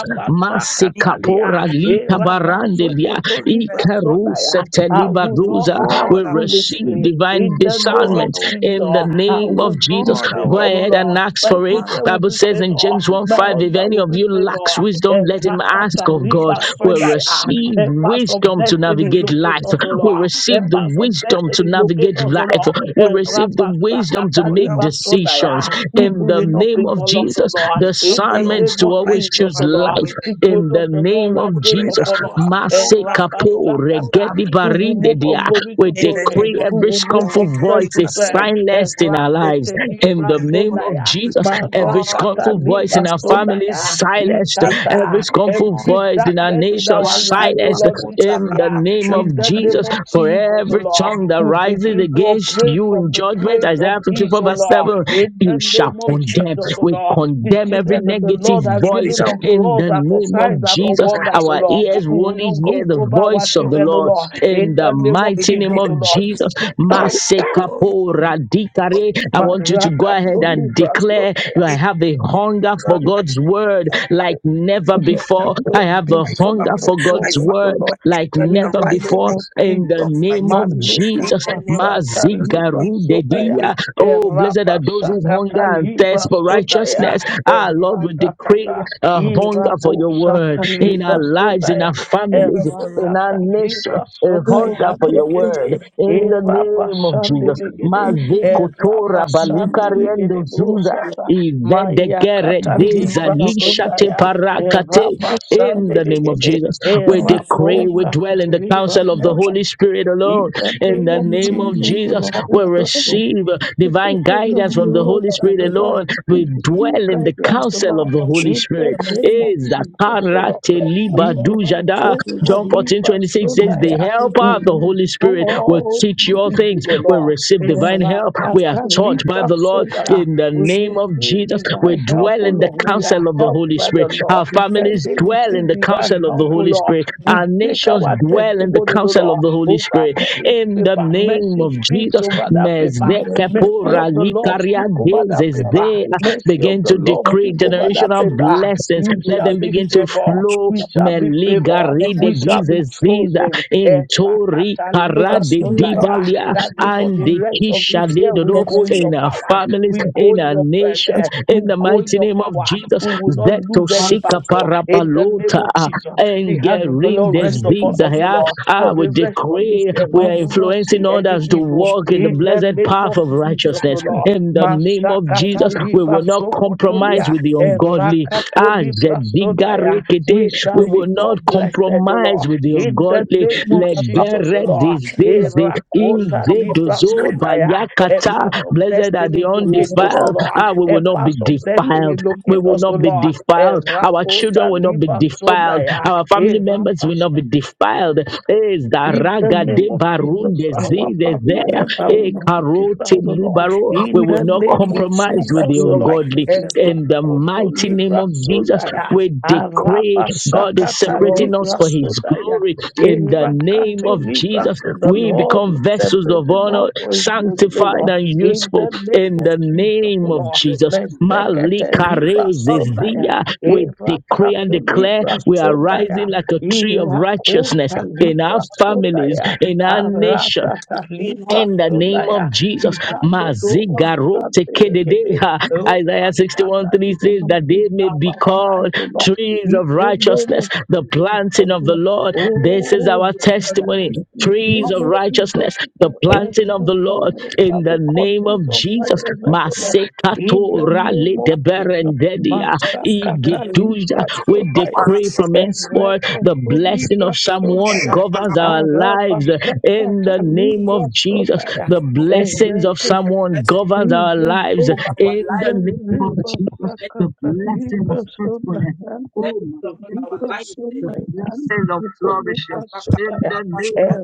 B: me
A: Masikapora
B: of
C: eh,
B: the
A: Lita Barandelia
B: world.
A: Ikaruse
C: rabasokotolibrasodaya. I will
B: So,
C: not
A: Telibaruza
C: have
A: will
B: Lord, our soul,
A: receive
C: foolishly
A: divine
C: in the name
B: Lord,
C: of
A: discernment
B: our
A: in the
C: Jesus.
B: soul,
C: I
A: name of
C: will be
A: Jesus.
B: Lord, I
C: favored,
A: Go
B: our
C: O
A: ahead and
C: Lord.
A: ask
C: My
A: for it.
B: man,
C: children
B: so
C: will
A: Bible
C: be
B: far,
A: says in
C: favored.
A: James 1
C: My
B: but
A: 5, if
C: husband
A: any
C: will
A: of
C: be
A: you lacks
C: favored.
A: wisdom,
C: Eh,
A: let him ask
B: walk
A: of
B: in
A: God.
B: the
A: We'll
B: passion,
C: rakatalibrasodaya.
B: my
A: receive
C: Help us of
A: wisdom to
C: destiny,
B: spirit,
A: navigate life.
C: locate us, O
A: We'll
B: love,
C: Lord.
A: receive
C: Help
B: and
A: the
C: us of
B: life.
A: wisdom to
C: destiny, locate
A: navigate
C: us, O
A: life.
C: Lord.
A: We'll
C: Eh,
B: Father, we,
A: receive the wisdom to
B: Lord, I
A: make
B: walk
A: decisions
C: Rabashakatalibasodaya.
B: upon
A: in
C: Evil
A: the
B: God.
C: will not
A: name of of
C: befall us, O
A: Jesus.
C: Lord.
B: hunger
C: In
B: for
C: the
B: your
A: Discernments
C: name
A: to
C: of
B: word like
A: always
C: Jesus,
A: choose
C: O
B: never
C: Lord,
A: life
B: before. In the name
C: the glory
A: in
C: of
A: the
C: the
A: name
C: Lord
B: we
C: I
A: of
C: gave
B: pray
A: Jesus.
B: that
C: upon
B: we
C: us.
B: have
C: And
B: hunger for your
A: Masekapo
B: word like
A: regedi
C: Rabashakata, who will
A: barinde
C: move
B: never
C: from
A: dia.
C: glory
A: We
C: to
B: before. In the
C: glory,
B: name
A: decree
B: of Jesus,
C: who
A: every
C: will move
B: that
A: scornful
B: we
C: from
B: dwell in
C: strength
A: voice
C: to
A: is
B: counsel of
C: strength.
B: the Lord.
C: And
A: silenced in our
B: In
A: lives. In the
B: the name of
A: name
B: Jesus,
A: of
C: Rasetekibasodaya.
B: may we continue to
A: Jesus, every
B: dwell
A: scornful voice in our
B: in love.
A: families
C: Marakatalimasodaya.
A: silenced.
B: In the
A: Every
C: Ikata.
B: name
A: scornful
B: of
C: Every
A: voice in our
C: darkness in
A: nation
C: our life, O
B: Mazopa
A: silenced.
C: Lord,
B: Kota
A: In
B: La
A: the
C: disappear.
A: name
B: Pasha,
A: of
C: In the name
A: Jesus,
B: and
C: of
A: for
C: Jesus, O
A: every
C: Lord,
A: tongue that
C: we
A: rises
C: begin to
A: against
C: operate
A: you in
C: from the
A: judgment,
C: place of
A: Isaiah
C: ease,
A: 54
C: O
A: verse
C: Lord.
A: 7,
C: In
A: you
C: the name
A: shall
C: of
B: it shall
A: condemn.
C: Jesus, O
A: We
B: be
C: Lord, the
A: condemn every
C: children that the
B: condemned.
A: negative
C: Lord has
B: We decree
A: voice
C: given
B: that we will not
C: unto
A: in
C: us
A: the
C: are for
A: name of
C: signs and for
A: Jesus.
C: wonders, O
A: Our
C: Lord.
A: ears
C: We
A: will
C: will
A: only
C: not
A: hear
C: weep
A: the
B: compromise
C: over our
B: with
A: voice of
B: your God. We will not be compromised with your
A: the
B: God.
C: children, O
A: Lord
C: Lord.
B: in the name
A: in
C: In
A: the
C: the
B: of God.
C: name of
B: We
A: mighty name
B: decree
C: Jesus,
A: of
B: that
C: O Lord.
B: God is.
A: Jesus.
B: So in
A: Masekapo radikare. I want you to go ahead
C: Marakato
A: and
C: libra
A: declare I
B: the
A: have a
B: name of
A: hunger for
B: Jesus,
A: God's word
B: I shall find
A: like never
C: Jesus,
B: your
A: before.
B: righteousness,
A: I
C: Lord,
A: have
C: be
A: a
B: my
A: hunger
B: family,
C: wonderful,
A: for
B: my
A: God's
C: Lord,
B: family,
A: word
B: my
C: Lord.
A: like
B: children
C: In
B: are
A: never
C: the
B: rising
C: name
A: before
B: like
C: of
A: in
B: tree
A: the
C: Jesus,
A: name
B: righteousness.
A: of
C: Malika
B: In
A: Jesus.
B: the name of
C: Pasata
B: Jesus,
C: Libra
B: we pray
C: Sodaya,
A: Mazigarudedia. Oh, blessed are
C: Eraba
A: those who of
C: Shakata
A: hunger and
C: Libra
A: thirst for
C: Sodaya,
A: righteousness. Ah, Lord, we decree
C: Eratata,
A: a hunger for
C: Irabo
A: your word
C: Shata
A: in
B: blessings
C: Libra
A: our lives, in
C: Sodaya,
A: our families,
B: for
A: in our
C: Eratata
A: nation,
C: Libra
A: a
B: your
C: Sodaya,
A: hunger for your word
C: Handicate,
A: in the
C: Eraba
A: name of Jesus.
C: Sandeligate, Eraba
A: Mazikotora
C: Sandeligate,
A: balikariendo zunda.
C: Bosata, Maya Kata Libra Sodaya.
A: In the name of
C: Rabasandebebe,
A: Jesus, we decree, we
C: Erapoka,
A: dwell in the counsel of the
C: Ribasana,
A: Holy Spirit
C: in
A: alone.
C: the
A: In
C: name
A: the
C: of
A: name of
C: Jesus,
A: Jesus,
C: Lord, we
A: we
C: pray
A: receive
C: manifestation
A: divine
C: of
A: guidance
C: the
A: from the
C: Lord,
A: Holy
C: and
A: Spirit
C: the Lord,
A: alone. We
C: would receive
A: dwell in the
C: guidance, O
A: counsel
C: Lord,
A: of the Holy
C: in the
A: Spirit.
C: name of
A: Is that
C: Jesus, O Lord.
A: karate
C: We will have
A: libadujada?
C: come
A: John
C: to live
A: 14
C: as
A: 26
C: soon as
A: says, The
C: I am.
B: glory.
A: helper, the Holy Spirit,
B: Continue to walk
A: will
C: Oh,
A: teach you all
C: evil,
A: things.
C: O
A: We
C: Lord.
A: receive
C: And
A: divine help. We are
C: Rakata live
A: taught by
C: as
A: the
C: soon
A: Lord
C: as I-
A: in the
C: We
A: name of
C: receive
A: Jesus. We
C: divine help,
A: dwell
C: O
A: in the
C: Lord. We are
A: counsel of the
C: helped
A: Holy
C: by the
A: Spirit.
C: Lord.
A: Our
B: in
C: Okay,
A: families
C: they
A: dwell in
C: receive
A: the
C: divine
A: counsel of
C: help,
A: the
C: O
A: Holy
C: Lord.
A: Spirit.
C: We
A: Our
C: take
A: nations
C: our
A: dwell in the
C: testimony, O
A: counsel of
C: Lord
A: the Holy
C: over
A: Spirit.
C: this
A: In the
C: paper.
A: name
C: Mercy
A: of
C: speaks
A: Jesus,
C: over that paper. Mercy of the Lord speak over that paper.
A: Mezekeporalikaria-dezezea.
C: Mercy of
A: begin
C: the
A: to
C: Lord
A: decree
C: speak over that
A: generational
C: paper.
A: blessings.
C: You
A: Let
C: shall
A: them
C: be
A: begin to
C: favored.
A: flow.
C: We shall be favored. We shall be
A: Meligaridegizezea ziza
C: chosen. Eh,
A: entori
C: Rakata liba
A: karade
C: sondaya.
A: dibalia
C: That be for
A: and
C: the
A: the
C: rest of
A: kisha
C: this year, we
A: ledodo
C: go in
A: in
C: your
A: our
C: power.
A: families,
C: We go
A: in
C: in
A: our
C: your
A: nations,
C: presence. We
A: in the
C: go in
A: mighty
C: your
A: name of
C: power.
A: Jesus.
C: We will not
A: Zeto
C: lose any
A: sika
C: battle. In the name
A: parabalota
C: of Jesus, the
A: and
C: hand of the
A: gerin
C: Lord rest upon
A: desdiza
C: us, O
A: ya.
C: Lord. For
A: Ah, we
C: the rest of this
A: decree
C: year, we
A: we are
C: will not
A: influencing
C: see any
A: others to
C: evil.
A: walk in the
C: In the
A: blessed
C: name of
A: path of
C: Jesus, O
A: righteousness.
C: Lord.
A: In the name of
C: Masakata
A: Jesus, we
C: liba
A: will not compromise
C: sokotolia,
A: with the ungodly.
C: erakato
A: Ah,
C: libra sonaya. We
A: Jedigarekete.
C: shall
A: We will
C: become
A: not
C: blessed, O
A: compromise
C: Lord,
A: with your
C: in the
A: godly
C: name of Jesus, O
A: legere
C: Lord.
A: disease in
C: Erakota
A: the
C: libra
A: dozo
C: sonaya. A path
A: Bayakata.
C: of
A: Blessed are the
C: destiny locate us, O
A: undefiled.
C: Lord.
A: Ah, we
C: A
A: will not be
C: path of destiny
A: defiled. We
C: locate
A: will
C: us, O
A: not be
C: Lord.
A: defiled. Our children
C: Erakota
A: will not be
C: libra
A: defiled.
C: sonaya.
A: Our family members will not be defiled. Is the
C: In the
A: raga
C: name
A: de
C: of
A: barun
C: Jesus, our
A: disease
C: family
A: there?
C: member will
A: E
C: not be
A: karote
C: defiled, O Lord.
A: libaro. We
C: In
A: will
C: the
A: not
C: name of
B: your
A: compromise
B: path
A: with
B: and
A: the
C: Jesus,
B: in
C: O
B: your
C: Lord.
A: ungodly.
B: righteousness,
A: In the
C: Erakoto
A: mighty name
C: libra
A: of Jesus,
C: sodaya.
A: we decree
C: Araba
A: God is
C: shakata
A: separating
B: Lord. we
A: us
C: libra
A: for
B: thank
A: his
C: sodaya.
A: glory. In the name
C: Erakato
A: of
C: libra
A: Jesus,
B: you
C: so
B: for
C: the
A: we
C: Lord is
A: become vessels of
C: separating
A: honor,
C: us for his glory, O
A: sanctified
C: Lord.
A: and
C: In
A: useful.
C: the name
A: In
C: of
A: the
C: Jesus, O
A: name of
C: Lord.
B: your
A: Jesus,
B: grace.
A: Malikarezezia,
C: Mesekete libra
B: husband
C: sodaya.
A: we decree and
C: Erakato
A: declare
C: libra
A: we are
C: sodaya.
A: rising like a tree of
C: Ila
A: righteousness
C: kota
A: in our
C: libra
A: families,
C: sodaya,
A: in our nation,
C: arata ta
B: is being
C: libra
A: in the
B: husband.
A: name
C: sodaya,
A: of Jesus.
B: You are
C: dihado do
B: being husband.
A: Mazigarote
C: wasante legede,
A: kededeha.
C: o
A: Isaiah 61
C: masata
A: 3
C: liga
A: says
C: no
A: that they may
C: kuzaba
A: be
C: wa life,
A: called
C: O Lord.
A: trees
C: In
A: of
C: the
B: God,
C: name
B: I
A: righteousness,
C: of
A: the
B: break
A: planting
C: Jesus,
A: of the
B: husband.
C: Lord.
A: Lord. This is
C: Oh,
A: our
B: God, I
A: testimony
C: in the
B: break
A: trees
C: name
A: of
C: of
B: husband. We decree
C: Jesus,
A: righteousness, the
C: Lord,
A: planting of the
C: in the
A: Lord
C: curtains
A: in
C: of the
A: the name
C: conscience
A: of
C: of
A: Jesus.
C: righteousness, O Lord. In the
A: Masekatora
C: name of Jesus,
A: ledeberendedia
C: Master
A: igeduja.
C: Catalibra
A: We
C: Sodaya,
A: decree from henceforth the
C: Ereketo
A: blessing
C: Libra
A: of someone
C: Sodaya,
A: governs our lives
C: Arabasha
A: in the name
C: Catalibra
A: of Jesus.
C: Sodaya,
A: The blessings of someone
B: blessing
A: governs our lives
C: Ereketo
B: over our
A: in
B: life.
A: the name of Jesus.
B: Let
A: The
C: Rakata
A: blessing of fruitfulness.
B: let
A: Oh,
B: over our
A: Masekete,
B: life. Then
A: the
B: we
A: blessing of
B: go back
A: flourishing
B: up. up, up, up,
A: in the
B: up, up, up.
A: name of Jesus.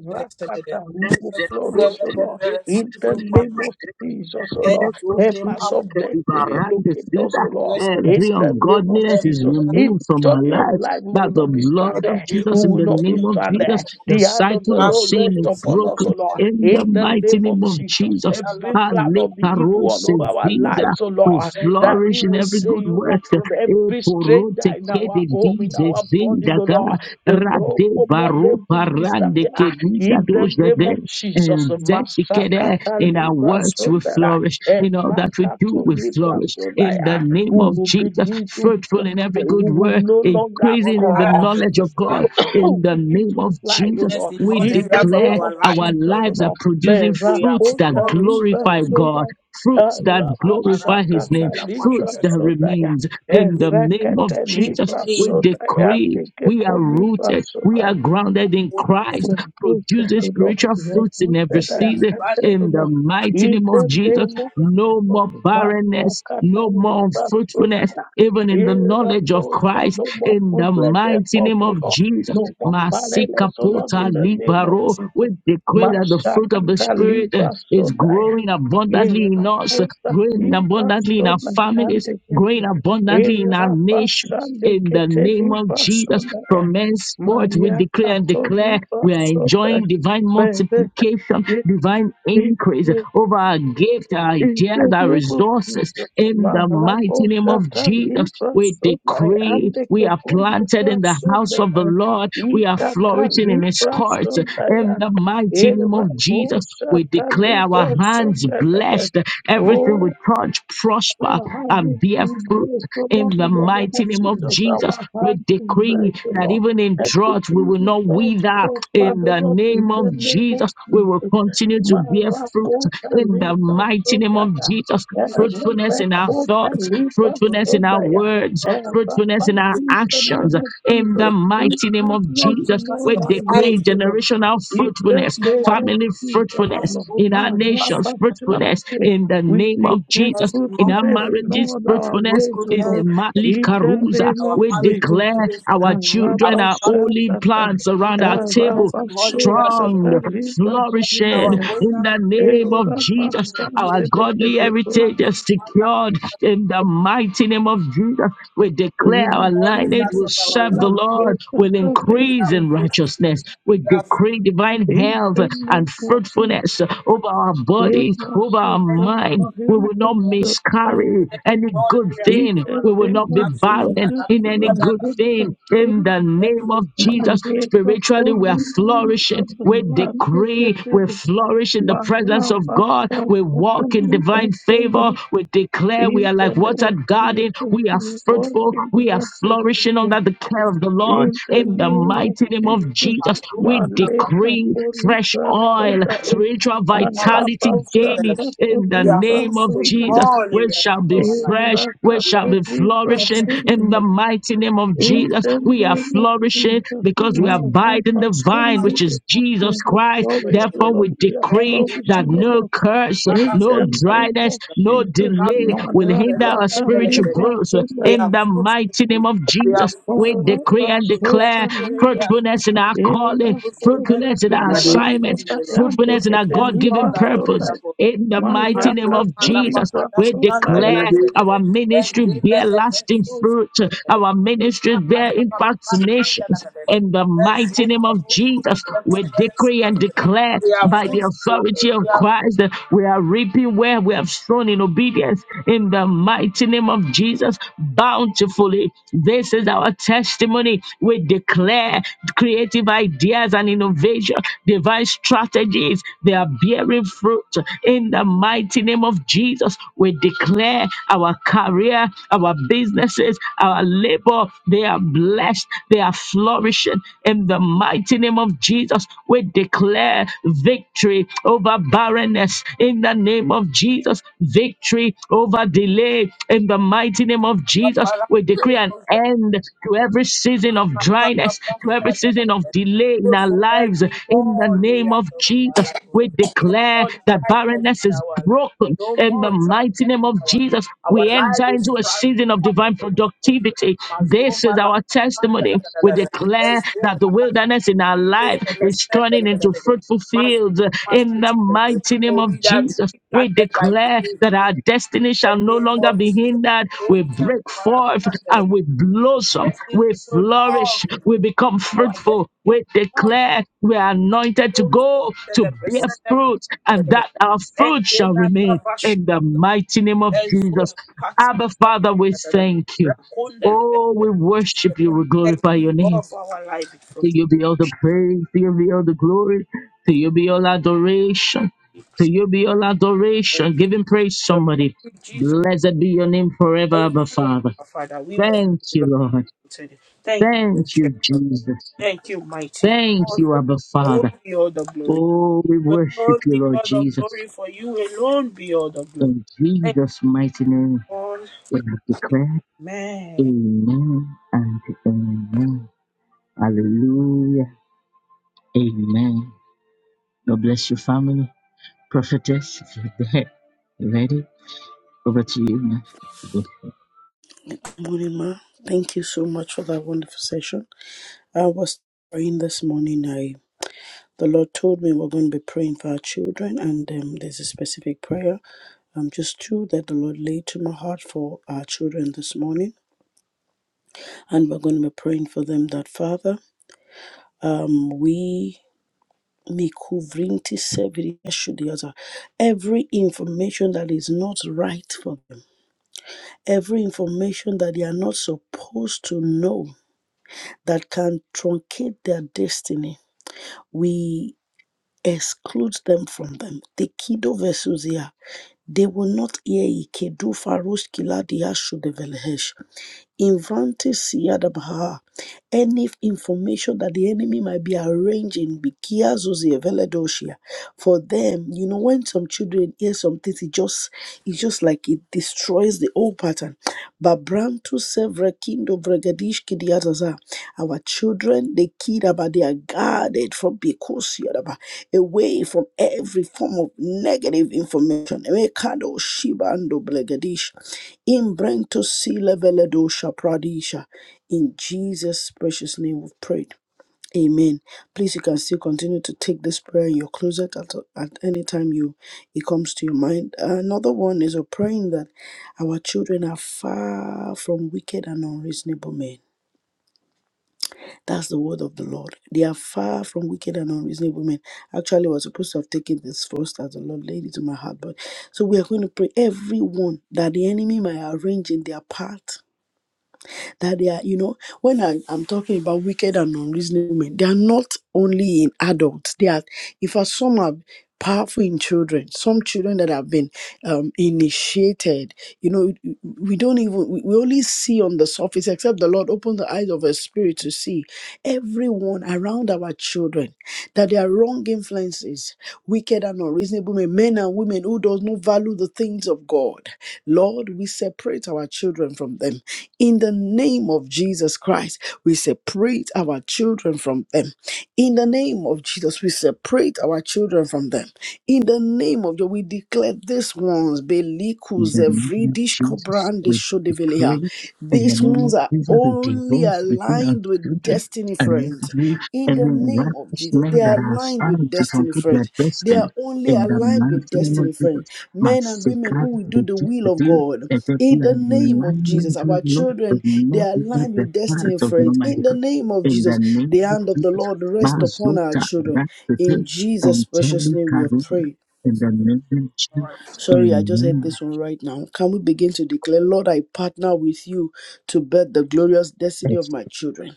C: who will
A: blessed, good,
C: flourish, O
A: good,
C: Lord,
A: good,
C: in the
A: good,
C: name
A: good,
C: of
A: good,
C: Jesus, O Lord, help us of destiny, locate us, O Lord,
B: Bless us.
A: Every
C: in the name of
A: ungodliness is
C: Jesus. In
A: removed
C: the
A: from our
C: journey of
A: lives
C: life, we
A: by
C: will
A: the
C: not be
A: blood
B: Goodness
A: of
C: stranded, we
A: Jesus, in
C: will
A: the
C: not be
A: name of Jesus.
C: stranded.
A: The
C: The hand of the
A: cycle of
C: Lord
A: sin
C: rest
A: is
C: upon us, O
A: broken
C: Lord
A: in the
C: in the
A: mighty
C: name of
A: name of
C: Jesus.
A: Jesus.
C: Every plan of the evil one over our
A: Aleparosevida.
C: lives, oh
A: We
C: Lord, that he
A: flourish in
C: will
A: every
C: say
A: good
C: you
A: work.
C: will put every stranger
A: Eporote
C: in
A: kede
C: our home, in
A: dize
C: our body, oh
A: zindaga
C: Lord, the Lord
A: rade
C: command
A: baro
C: them to
A: parande
C: disappear
A: kelida
C: in the name
A: dojade
C: of Jesus.
A: and that kede
C: Masakata
A: in our
C: Libra
A: words we
C: Sondera.
A: flourish. In all that we do
C: Evakato
A: we
C: Libra
A: flourish. In the
C: Sondaya,
A: name
C: Who
A: of
C: will
A: Jesus,
C: begin to fly,
A: fruitful in every good
C: who will
A: work,
C: no longer
A: increasing in the
C: crawl,
A: knowledge of God. In
C: who
A: the
C: begin
A: name
C: to
A: of
C: fly, oh
A: Jesus,
C: Lord
B: in
A: we
B: all
C: in
B: areas
C: the
B: of
A: declare
C: name of
B: our life,
A: our
C: Jesus, O
A: lives are
C: Lord.
A: producing
B: we are
A: fruits that
C: Berakota
B: flourishing. the
C: libra
A: glorify
B: name
A: God
C: soda,
B: of
A: fruits
B: Mato,
A: that
C: araba
B: Papara,
A: glorify his
C: sakata
A: name,
B: La
C: libra
A: fruits
B: Pasha,
A: that
B: the
C: soda ya,
A: remains in the
B: great
A: name
B: flourish.
A: of
C: erekete
A: Jesus.
C: libra
A: We
B: In the
C: soda ya,
A: decree we are
C: dikepo libra
B: name
A: rooted,
B: of
A: we
C: soda
A: are
C: ya.
A: grounded in
B: Mato,
C: We
A: Christ,
C: have rooted,
A: producing
C: O Lord.
A: spiritual
C: We have
A: fruits in every
C: rooted
B: we
C: and
B: are
A: season.
B: surrounded
C: planted, O
A: In the
C: Lord.
A: mighty
C: In
A: name of
C: the
A: Jesus,
C: name
B: by our
A: no
C: no
A: more barrenness, no more unfruitfulness even in the knowledge of Christ,
C: more
A: in the
C: fruitless effort,
A: mighty name
C: O
A: of
C: Lord.
A: Jesus.
C: No more paralysis, O Lord,
A: Masikapota
C: in the name of
A: libaro. We
C: Jesus.
A: decree that the fruit of the
C: Mashakata
A: Spirit eh,
C: liba
A: is
C: sodaya.
A: growing abundantly in
C: Era
A: us, eh,
C: kota
A: growing
C: liba
A: abundantly in our families,
C: sonakande
A: growing
C: kete.
A: abundantly in our
C: Era
A: nation.
C: basande
A: In the
C: kete
A: name of
C: liba
A: Jesus,
C: sonaya.
A: from henceforth, we declare
C: Mayaka
A: and
C: to
A: declare
C: liba
A: we are enjoying
C: sodaya.
A: divine
C: Bebek.
A: multiplication, divine increase over our gift, our
C: In
A: ideas,
C: the
A: our
C: name of
A: resources.
C: Jesus,
A: In the
C: Marabo
A: mighty name of
C: Shatan,
A: Jesus, we
C: Librasone,
A: decree we are
C: Andekepon,
A: planted in the house
C: Librasone,
A: of the Lord. We are
C: Ikata,
A: flourishing in His courts.
C: Librasone,
A: In the mighty name of
C: Erabo
A: Jesus, we
C: Shatan,
A: declare our hands
C: Librasone,
A: blessed. Everything we touch prosper
C: our hand
A: and
C: is
A: bear
C: in
A: fruit
C: grace, O Lord,
A: in the
C: in the name
A: mighty
C: of
A: name of
C: Jesus.
A: Jesus.
C: Our
A: We
C: hand is
A: decree
C: grace, O
A: that
C: Lord.
A: even in drought, we
C: Everything
A: will
C: we
A: not
C: touch
A: wither
C: prosper,
A: in
C: O
A: the
C: Lord, in
A: name
C: the
A: of
C: name of
A: Jesus. We will
C: Jesus.
A: continue to bear fruit
C: Marakota
A: in the
C: liba
A: mighty name of
C: sondaya.
A: Jesus.
B: adversaries
A: Fruitfulness in our
C: Rebekota
A: thoughts,
C: liba
A: fruitfulness in our
C: sondaya.
A: words, fruitfulness
C: Rabba,
A: in our
C: in the
A: actions.
C: name of
A: In the
C: Jesus.
A: mighty name of
B: of
C: Fruitlessness
B: Jesus
A: Jesus,
C: in all
A: we
B: will
C: our
A: decree
C: ways,
B: rise
C: O Lord.
A: generational
B: in
C: In
B: the
C: the
A: fruitfulness,
B: name
C: name
B: of
C: of
A: family
C: Jesus, O
B: our
A: fruitfulness
C: Lord.
A: in our
B: goodness,
A: nations, fruitfulness
C: Marakota
A: in the
C: we
A: name
C: be
A: of
B: goodness,
A: Jesus
C: careful
A: in
B: Lord,
C: to
A: our
C: let you know
A: marriages,
C: about our
A: fruitfulness,
C: ways, O
A: in
C: Lord.
A: the
B: goodness, in the
A: Mali
C: In
B: name
C: the
A: Karuza.
C: name
B: of our
C: of
A: We
B: marriage,
A: declare
C: Jesus.
B: goodness,
A: our
B: our
A: children are
B: family,
A: holy
C: Arabashakata,
A: plants around our table,
B: goodness, in all areas of our
A: strong,
B: life, goodness, in
A: flourishing
B: our
C: arabasokakalibasundaya,
B: going
A: in
B: out
A: the
B: and our
A: name
B: coming.
A: of
B: In
A: Jesus.
B: the
A: Our
B: name of
A: godly
C: erabashandedeketebos.
B: our
A: heritage is
B: Father,
A: secured in the mighty name of Jesus. We
C: In the
A: declare
C: name
A: our
C: of
B: in all
A: lineage
B: areas
A: will
B: of
C: Jesus.
B: our
A: serve the
B: life,
A: Lord,
B: we
A: will increase
B: are
C: Mahekatadebas.
A: in
B: grateful.
A: righteousness. We
B: We are
A: decree divine
C: In
A: health
C: the
A: and
C: name of Jesus.
A: fruitfulness
B: grateful.
A: over our bodies, over our
B: We
A: mind, we will not
C: Emashakatadebasundaya.
A: miscarry any good
C: In
A: thing.
C: the
A: We will
C: name
A: not be
C: of
A: barren
C: Jesus.
A: in any good thing. In
C: Mahekatadebas.
A: the name of Jesus,
C: Majeka
A: spiritually we are
C: polima
A: flourishing. We
C: sobrante
A: decree we
C: ketel
A: flourish in the
C: mara
A: presence of God.
C: pasha
A: We walk in
C: katani
A: divine
C: pasona
A: favor. We declare we are like
C: intele
A: watered garden.
C: Jesus
A: We are
C: to walk
A: fruitful.
C: in the
A: We are flourishing
C: Barcelona
A: under the care of the Lord. In the
C: intele
A: mighty name of
C: Jesus
A: Jesus, we
C: maleka
A: decree fresh
C: polima
A: oil,
C: soda
A: spiritual
C: andra
A: vitality
C: pasha
A: daily in the
B: are
C: polima
A: name of
B: fruitful in
C: soda
A: Jesus.
B: all
A: We
B: areas
A: shall
B: of
A: be
B: our life.
A: fresh,
C: Era
A: we
B: We
A: shall be
C: católica
A: flourishing in the mighty name of
C: In
A: Jesus.
C: the
A: We are
C: name of
A: flourishing
C: Jesus,
A: because we
B: are
C: Lord, help
A: abide in the
C: us
A: vine,
B: We are
A: which
C: somebody.
A: is
B: fruitful.
A: Jesus
C: We will
A: Christ.
C: flourish, O
A: Therefore, we
C: Lord. We are
A: decree that
C: flourishing, O
A: no
C: Lord.
A: curse,
C: In
A: no
C: the name
A: dryness,
C: of
A: no
C: Jesus,
A: delay will hinder our
C: Marakata
A: spiritual
C: Libra
A: growth
C: Sodai,
A: in the mighty name of
B: We are
A: Jesus. We
B: fruitful.
A: decree and
B: In every
A: declare
C: Marakasota
B: area,
C: Libra,
A: fruitfulness in our calling,
B: fruitfulness is
C: Irakota
A: fruitfulness in our
B: all
C: Libra
B: that we
A: assignments,
B: do.
C: Sodai,
B: O Lord.
A: fruitfulness in our
C: Antekete
B: Fruitfulness
A: God
B: is all
A: given
C: Libra
B: that we
A: purpose.
C: Sodai,
B: have.
A: In the mighty name of
B: Mazuma la
C: Mayakato
A: Jesus,
C: Libra
B: pakada
A: we
B: shande la
A: declare
C: Sodai,
B: kedede.
A: our ministry
B: Ezime
A: bear
B: le
A: lasting
B: kesuzu
A: fruit,
B: la kedede.
A: our
B: Ima
A: ministry bear
B: pakada
A: impact
B: pakada
A: to
B: shande la
A: nations.
B: kedede.
A: In the mighty
B: Ezuma
A: name
B: la
A: of
B: kuzu
A: Jesus,
B: la
A: we
B: kedede.
A: decree and declare
B: We are
A: by the
B: fruitful.
A: authority of
B: We are
A: Christ that we are reaping where we have sown in obedience. In the mighty name of Jesus, bountifully. This is our testimony. We declare creative ideas and innovation, divine strategies. They are bearing fruit. In the mighty name of Jesus, we declare our career, our businesses, our labor. They are blessed, they are flourishing in the mighty name of Jesus. We declare victory over barrenness in the name of Jesus, victory over delay in the mighty name of Jesus. We decree an
B: paparazzi.
A: end to every season of dryness, to every season of delay in our
B: Fruitfulness
A: lives
B: in
A: in the
B: all
A: name
B: areas
A: of
B: of our
A: Jesus.
B: life, O
A: We
B: Lord. No
A: declare
B: more
A: that
B: dryness
A: barrenness
B: in
A: is
B: our life.
A: broken
B: No
A: in the
B: more
A: mighty
B: dryness
A: name
B: in
A: of
B: our life.
A: Jesus.
B: Our
A: We
B: life
A: enter
B: is
A: into a
B: sprouting
A: season of
B: up in
A: divine and
B: the name of Jesus.
A: productivity. This is
B: Mazoma la
A: our
B: manda da
A: testimony.
B: da da
A: We
B: da da.
A: declare that the
B: Ezoma la
A: wilderness in our
B: kose
A: life
B: la
A: is
B: sende
A: turning
B: la da da
A: into
B: da da.
A: fruitful
B: Mazoma
A: fields in the
B: mastrita da da da. da.
A: mighty name
B: Will
A: of
B: be that
A: Jesus.
B: tree
A: We
B: planted by the
A: declare that
B: river.
A: our
B: In
A: destiny
B: the
A: shall no
B: name
A: longer
B: of
A: be
B: Jesus.
A: hindered. We
B: Ozila
A: break forth
B: barabanda da da
A: and
B: da.
A: we blossom.
B: Destiny
A: We
B: will love
A: flourish.
B: you.
A: We become
B: Our destiny
A: fruitful.
B: will
A: We
B: love you.
A: declare we are
B: My
A: anointed to
B: soul will
A: go to
B: celebrate,
A: bear
B: celebrate,
A: fruit and
B: celebrate.
A: that our
B: And
A: fruit
B: then
A: shall
B: I
A: remain
B: love our
A: in the mighty name of
B: And so
A: Jesus.
B: cut it
A: Abba, Father, we thank you.
B: the letter.
A: Oh, we worship you. We
B: Thank
A: glorify
B: you,
A: your
B: God,
A: name.
B: for our life. From
A: To you be all the praise. To you be all the glory. To
B: Thank
A: you be all adoration.
B: you,
A: To you be all
B: Thank
A: adoration. Give
B: you,
A: him
B: Jesus.
A: praise,
B: Thank
A: somebody.
B: you, Jesus.
A: Blessed be your name forever,
B: Thank
A: Abba,
B: you,
A: Father.
B: our Father. We want
A: Thank
B: to
A: you,
B: love you
A: Lord.
B: today. Thank
A: Thank
B: you,
A: you,
B: Church.
A: Jesus.
B: Thank you, mighty
A: Thank
B: God, for
A: you,
B: you.
A: Abba,
B: Lord,
A: Father.
B: be all the glory.
A: Oh, we
B: You
A: worship
B: alone
A: you,
B: be
A: Lord
B: all the
A: Jesus.
B: glory, for you alone be all the glory.
A: In
B: Thank
A: Jesus' mighty name,
B: you, Lord.
A: we have declared,
B: Amen.
A: Amen and Amen. Hallelujah. Amen. God bless you, family. Prophetess, if you're there, ready? Over to you now.
D: Good Morning, ma. Thank you so much for that wonderful session. I was praying this morning. I the Lord told me we're going to be praying for our children, and um, there's a specific prayer, um, just two that the Lord laid to my heart for our children this morning, and we're going to be praying for them. That Father, um, we mikuvrinti severi eshudiaza. every information that is not right for them, every information that they are not supposed to know that can truncate their destiny. We exclude them from them. The kido vesusia. They will not hear ikedu farush kiladia shudevelhesh. Invante siyadabaha. Any information that the enemy might be arranging bikia zuzi eveledoshia. for them, you know, when some children hear some things, it just it's just like it destroys the old pattern. Babram to sevre kindo vregadish kidiataza. Our children, the kid, kidaba, they are guarded from Bikosiadaba, away from every form of negative information. Emekado Shibando Blegadish. Imbrento Sileveledosha Pradisha. In Jesus' precious name we've prayed. Amen. Please, you can still continue to take this prayer in your closet at, at any time you it comes to your mind. Another one is a praying that our children are far from wicked and unreasonable men that's the word of the Lord. They are far from wicked and unreasonable men. Actually, I was supposed to have taken this first as the Lord laid it to my heart, but so we are going to pray everyone that the enemy might arrange in their path that they are, you know, when I, I'm talking about wicked and unreasonable men, they are not only in adults. They are, in fact, some are powerful in children. Some children that have been um, initiated, you know, we don't even, we we only see on the surface, except the Lord open the eyes of our spirit to see everyone around our children, that they are wrong influences, wicked and unreasonable men, men and women who does not value the things of God. Lord, we separate our children from them. In the name of Jesus Christ, we separate our children from them. In the name of Jesus, we separate our children from them. In the name of Jesus, we declare these ones,
A: In
D: Belikus,
A: the name of
D: Evridish,
A: Jesus,
D: Kobrande,
A: we we
D: Shodevelia.
A: pray. In the
D: These
A: name
D: ones
A: of
D: are
A: Jesus, we
D: only
A: divorce between our
D: aligned with
A: children
D: destiny
A: and
D: friends
A: every
D: in the
A: every
D: name of
A: righteous
D: jesus they
A: men
D: are
A: that are
D: aligned with
A: assigned to
D: destiny
A: fulfill their
D: friends they are
A: destiny.
D: only
A: In the
D: aligned with
A: mighty name of
D: destiny friends
A: Jesus,
D: men and women
A: massacre
D: who will do
A: the
D: the
A: deep
D: will of
A: deal.
D: god
A: And that
D: in
A: we are
D: the
A: in
D: name of jesus
A: alignment with
D: our
A: Lord, but
D: children they
A: not
D: are
A: with
D: aligned
A: the
D: with
A: heart
D: destiny
A: of the
D: friends in
A: Almighty
D: the
A: God.
D: name of
A: In the
D: jesus
A: name
D: the
A: of
D: hand of the
A: Jesus,
D: lord rest upon our
A: Mazota
D: children in
A: Rakete
D: jesus
A: and
D: precious
A: Teli
D: name we have
A: Karuna.
D: prayed
A: In the name of
B: Lord.
A: Jesus,
D: Sorry, I just heard
A: Amen.
D: this one right now. Can we begin to declare, Lord, I partner with you to birth the glorious destiny of
A: It's
D: my children?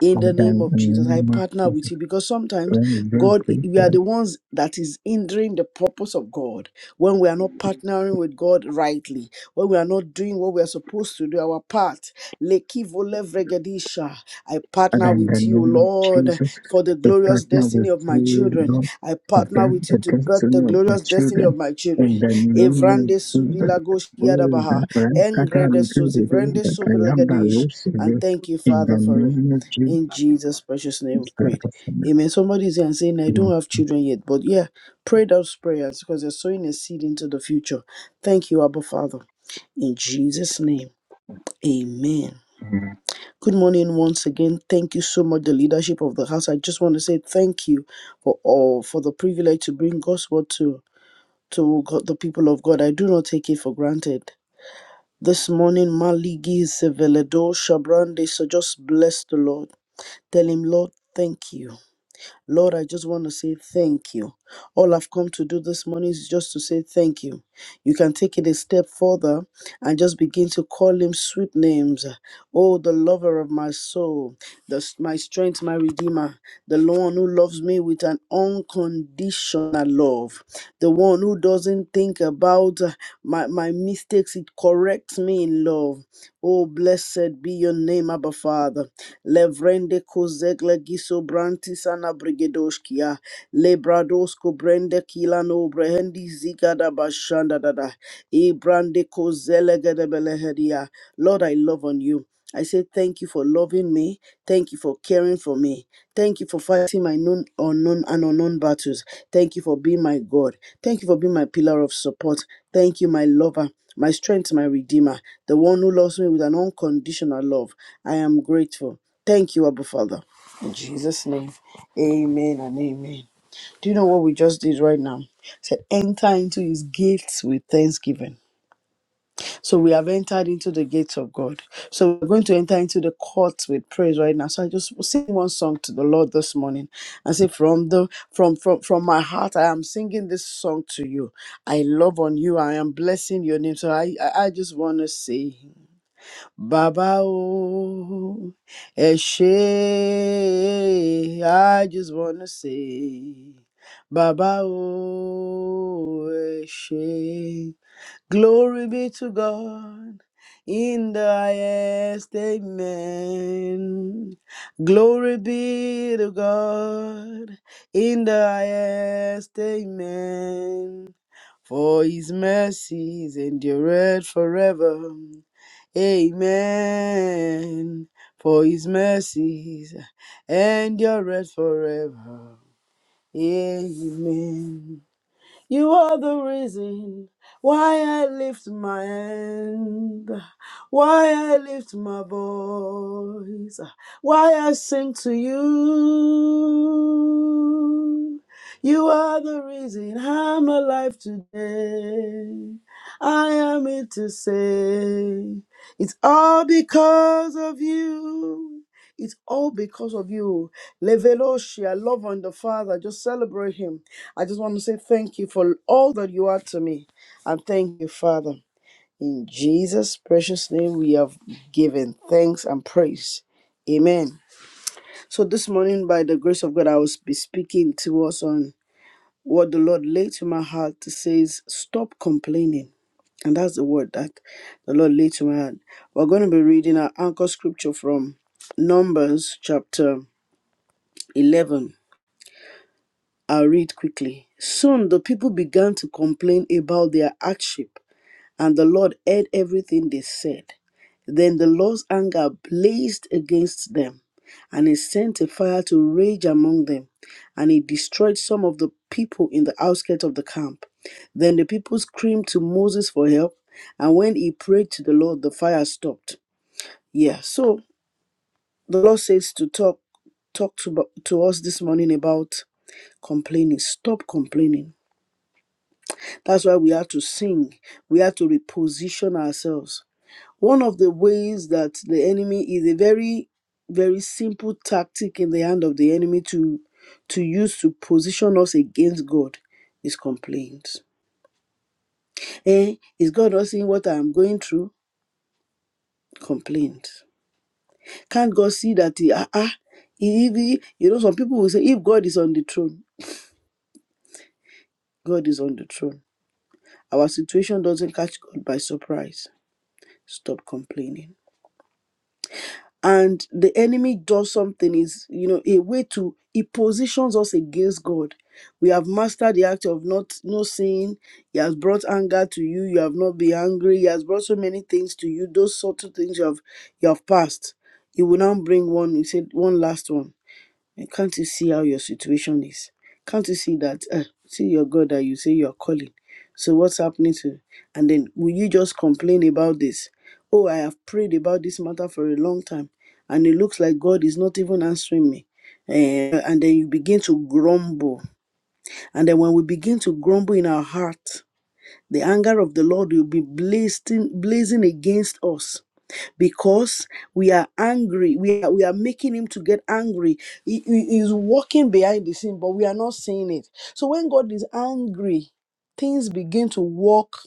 D: in
A: Father,
D: the name
A: in
D: of
A: the
D: Jesus. I
A: name of
D: partner with
A: Jesus,
D: you because sometimes
A: when they
D: God, we are
A: created,
D: the ones that is hindering the purpose of God when we are not partnering with God rightly, when we are not doing what we are supposed to do, our part. Lekivole vregedisha. I
A: Father,
D: partner
A: in the
D: with you,
A: name of
D: Lord,
A: Jesus,
D: for the
A: we
D: glorious
A: partner
D: destiny
A: with
D: of my
A: you,
D: children.
A: Lord,
D: I
A: to
D: partner
A: grant
D: with you
A: the
D: to birth
A: destiny
D: the
A: of the
D: glorious destiny
A: children.
D: of my
A: In
D: children.
A: the name of
D: Evrande
A: Jesus,
D: suvilagosh
A: all
D: yadabaha.
A: that right, Kaka,
D: Engrede
A: we do, we do,
D: suzivrende
A: that I
D: suvilagadish. And thank you,
A: In the
D: Father, for it.
A: name of
D: In
A: Jesus,
D: Jesus' precious name,
A: thank
D: we've
A: you,
D: prayed. Amen. Somebody's here and saying, I don't have children yet, but yeah, pray those prayers because you are sowing a seed into the future. Thank you, Abba Father. In Jesus' name, amen.
A: Father.
D: Good morning once again. Thank you so much, the leadership of the house. I just want to say thank you for all for the privilege to bring God's word to, to God, the people of God. I do not take it for granted. This morning, Maligi Seveledo Shabrande, so just bless the Lord. Tell him, Lord, thank you. Lord, I just want to say thank you. All I've come to do this morning is just to say thank you. You can take it a step further and just begin to call him sweet names. Oh, the lover of my soul, the, my strength, my redeemer, the one who loves me with an unconditional love, the one who doesn't think about uh, my, my mistakes, it corrects me in love. Oh, blessed be your name, Abba Father. Levrende kozegle giso branti sana Lebradosko brende kila no brehendi zigada bashanda dada. E brande kozelegede belehedia. Lord, I love on you. I say thank you for loving me. Thank you for caring for me. Thank you for fighting my known, unknown, and unknown battles. Thank you for being my God. Thank you for being my pillar of support. Thank you, my lover, my strength, my redeemer, the one who loves me with an unconditional love. I am grateful. Thank you, Abba Father. In Jesus' name, amen and amen. Do you know what we just did right now? It said, enter into his gifts with thanksgiving. So we have entered into the gates of God. So we're going to enter into the courts with praise right now. So I just sing one song to the Lord this morning and say, from the from from from my heart, I am singing this song to you. I love on you. I am blessing your name. So I I, I just want to say, Baba O Eshe. I just want to say, Baba O Eshe. Glory be to God in the highest. Amen. Glory be to God in the highest. Amen. For his mercies endureth forever. Amen. For his mercies endureth forever. Amen. You are the reason why I lift my hand, why I lift my voice, why I sing to you. You are the reason I'm alive today. I am here to say it's all because of you. It's all because of you. Leveloshi, I love on the Father. Just celebrate him. I just want to say thank you for all that you are to me. And thank you, Father. In Jesus' precious name, we have given thanks and praise. Amen. So, this morning, by the grace of God, I will be speaking to us on what the Lord laid to my heart to say is stop complaining. And that's the word that the Lord laid to my heart. We're going to be reading our anchor scripture from Numbers chapter 11. I'll read quickly. Soon the people began to complain about their hardship, and the Lord heard everything they said. Then the Lord's anger blazed against them, and he sent a fire to rage among them, and he destroyed some of the people in the outskirts of the camp. Then the people screamed to Moses for help, and when he prayed to the Lord, the fire stopped. Yeah, so the Lord says to talk talk to, to us this morning about complaining. Stop complaining That's why we have to sing. We have to reposition ourselves. One of the ways that the enemy is a very, very simple tactic in the hand of the enemy to to use to position us against God is complaints. Eh, is God not seeing what I am going through? Complaint. Can't God see that he ah ah he- he- you know some people will say if God is on the throne, God is on the throne. Our situation doesn't catch God by surprise. Stop complaining and the enemy does something is you know a way to he positions us against god we have mastered the act of not no sin he has brought anger to you you have not been angry he has brought so many things to you those sort of things you have you have passed he will now bring one he said one last one and can't you see how your situation is? Can't you see that? Uh, see your God that you say you are calling. So what's happening to? And then will you just complain about this? Oh, I have prayed about this matter for a long time, and it looks like God is not even answering me. Eh, and then you begin to grumble. And then when we begin to grumble in our heart, the anger of the Lord will be blazing, blazing against us because we are angry. We are, we are making him to get angry. He, he is walking behind the scene, but we are not seeing it. So when God is angry, things begin to walk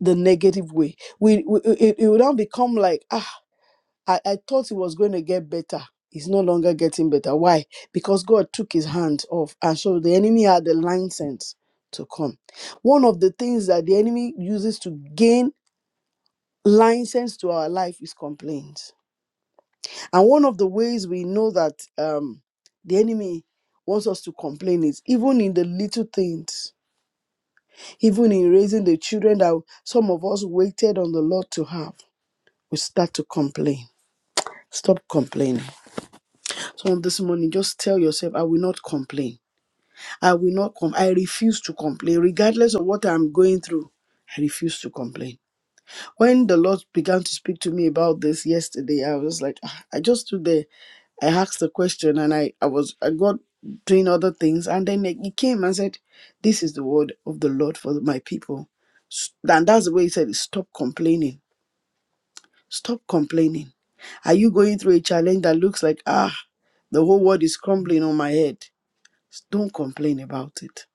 D: the negative way. We, we it, it will now become like ah, I, I thought it was going to get better. It's no longer getting better. Why? Because God took His hand off, and so the enemy had the license to come. One of the things that the enemy uses to gain license to our life is complaint And one of the ways we know that um, the enemy wants us to complain is even in the little things, even in raising the children that some of us waited on the Lord to have, we start to complain. Stop complaining. So on this morning, just tell yourself, I will not complain. I will not com. I refuse to complain, regardless of what I'm going through. I refuse to complain. When the Lord began to speak to me about this yesterday, I was like, "Ah," I just stood there. I asked the question and I, I was I got doing other things and then he came and said, This is the word of the Lord for my people. S- And that's the way he said, it, Stop complaining. Stop complaining. Are you going through a challenge that looks like ah the whole world is crumbling on my head? Don't complain about it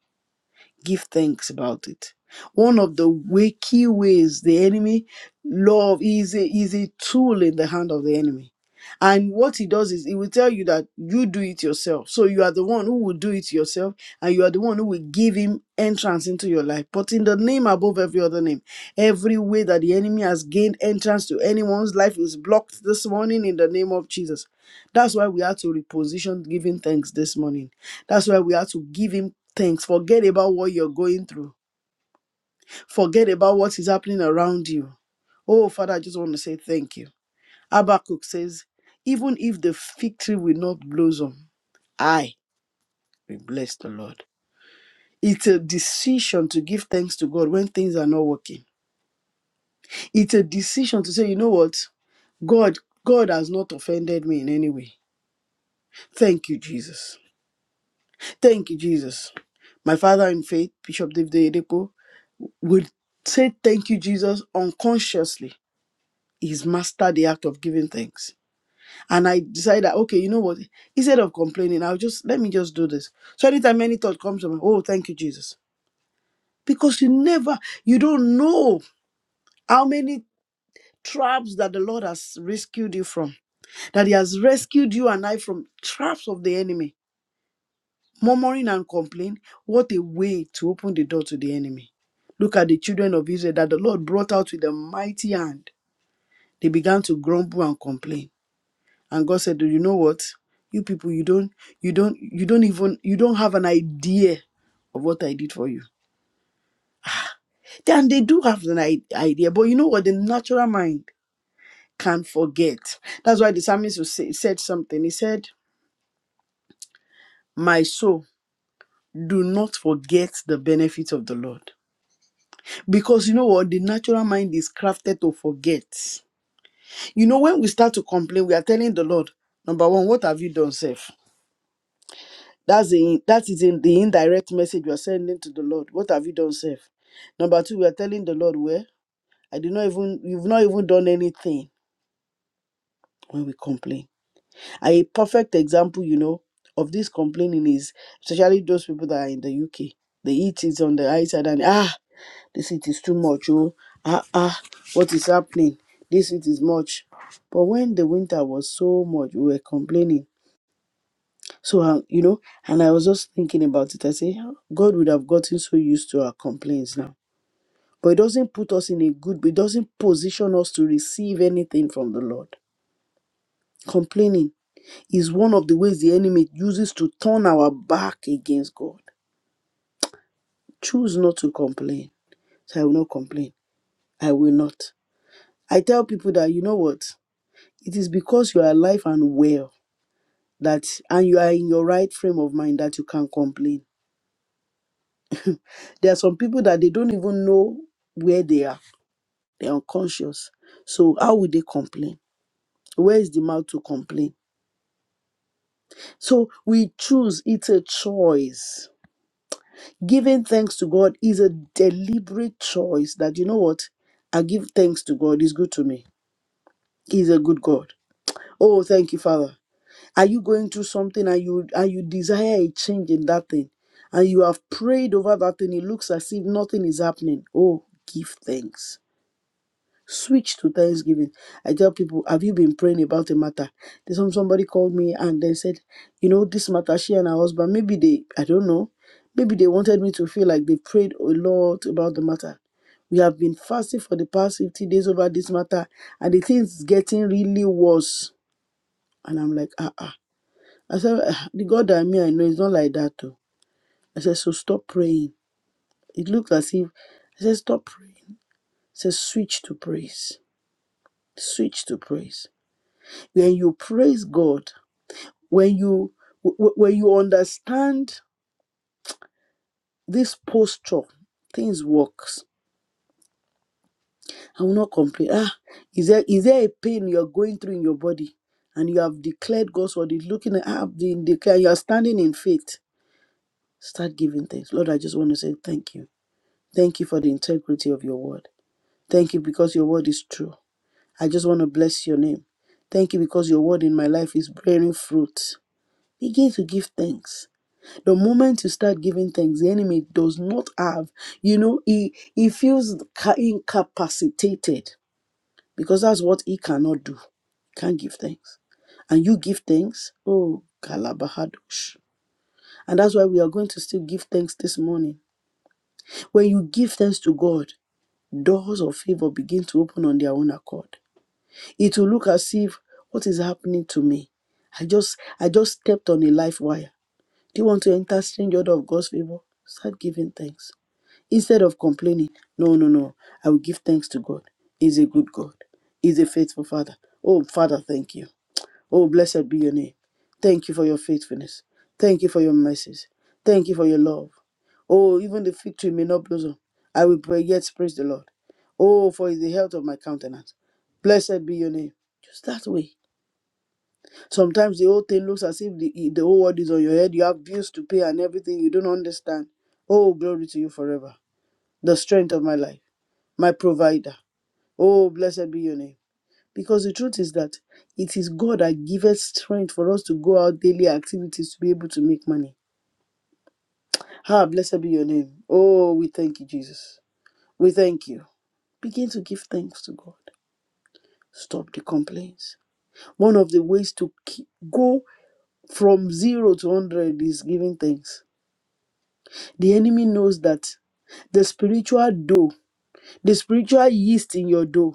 D: give thanks about it. One of the way, key ways the enemy love is a, is a tool in the hand of the enemy. And what he does is he will tell you that you do it yourself. So you are the one who will do it yourself and you are the one who will give him entrance into your life. But in the name above every other name, every way that the enemy has gained entrance to anyone's life is blocked this morning in the name of Jesus. That's why we have to reposition giving thanks this morning that's why we have to give him thanks. Forget about what you're going through. Forget about what is happening around you. Oh, Father, I just want to say thank you. Habakkuk says, even if the fig tree will not blossom, I will bless the Lord. It's a decision to give thanks to God when things are not working. It's a decision to say, you know what? God, God has not offended me in any way. Thank you, Jesus. Thank you, Jesus. My father in faith, Bishop David Oyedepo, would say thank you, Jesus, unconsciously. He's mastered the act of giving thanks. And I decided, that, okay, you know what? Instead of complaining, I'll just let me just do this. So anytime any thought comes to me, oh, thank you, Jesus. Because you never, you don't know how many traps that the Lord has rescued you from, that He has rescued you and I from traps of the enemy. Murmuring and complaining, what a way to open the door to the enemy. Look at the children of Israel that the Lord brought out with a mighty hand They began to grumble and complain. And God said, Do you know what? You people, you don't, you don't, you don't even, you don't have an idea of what I did for you. Then they do have an i- idea, but you know what? The natural mind can forget. That's why the psalmist was say, said something. He said, My soul, do not forget the benefits of the Lord. Because you know what? The natural mind is crafted to forget. You know, when we start to complain, we are telling the Lord, number one, what have you done, self? That's the that is in the indirect message we are sending to the Lord. What have you done, self? Number two, we are telling the Lord, where I did not even you've not even done anything when we complain. a perfect example, you know, of this complaining is especially those people that are in the UK. They eat it on the high side and ah, this it is too much. Oh, ah ah, what is happening? This it is much. But when the winter was so much, we were complaining So, uh, you know, and I was just thinking about it. I say, "How- God would have gotten so used to our complaints now. But it doesn't put us in a good, it doesn't position us to receive anything from the Lord. Complaining is one of the ways the enemy uses to turn our back against God. Choose not to complain. So I will not complain. I will not. I tell people that, you know what? It is because you are alive and well that, and you are in your right frame of mind that you can complain There are some people that they don't even know where they are. They're unconscious. So how will they complain? Where is the mouth to complain? So we choose. It's a choice. Giving thanks to God is a deliberate choice that you know what? I give thanks to God. He's good to me. He's a good God. Oh, thank you, Father. Are you going through something and you and you desire a change in that thing? And you have prayed over that thing. It looks as if nothing is happening. Oh, give thanks switch to thanksgiving i tell people have you been praying about a matter There's some somebody called me and they said you know this matter she and her husband maybe they i don't know maybe they wanted me to feel like they prayed a lot about the matter we have been fasting for the past 50 days over this matter and the thing's getting really worse and i'm like ah ah i said "Ah, the god that me i know it's not like that though. i said so stop praying it looked as if i said stop praying I said switch to praise switch to praise When you praise God, when you wh- when you understand this posture, things works. I will not complain. Ah, is there is there a pain you're going through in your body? And you have declared God's word, is looking at have been declared, you are standing in faith. Start giving thanks. Lord, I just want to say thank you. Thank you for the integrity of your word. Thank you because your word is true. I just want to bless your name. Thank you because your word in my life is bearing fruit. Begin to give thanks The moment you start giving thanks, the enemy does not have, you know, he, he feels ca- incapacitated because that's what he cannot do. Can't give thanks. And you give thanks, oh, Kalabahadosh. And that's why we are going to still give thanks this morning. When you give thanks to God, doors of favor begin to open on their own accord. It will look as if what is happening to me. I just I just stepped on a life wire. Do you want to enter strange order of God's favor? Start giving thanks. Instead of complaining, no, no, no, I will give thanks to God. He's a good God. He's a faithful Father. Oh, Father, thank you. Oh, blessed be your name. Thank you for your faithfulness. Thank you for your mercies. Thank you for your love. Oh, even the fig tree may not blossom. I will pray, yet praise the Lord. Oh, for is the health of my countenance. Blessed be your name. Just that way. Sometimes the whole thing looks as if the, the whole world is on your head. You have bills to pay and everything you don't understand. Oh, glory to you forever. The strength of my life my provider. Oh, blessed be your name. Because the truth is that it is God that giveth strength for us to go out daily activities to be able to make money. Ah, blessed be your name. Oh, we thank you, Jesus. We thank you. Begin to give thanks to God. Stop the complaints. One of the ways to keep, go from zero to 100 is giving thanks. The enemy knows that the spiritual dough, the spiritual yeast in your dough.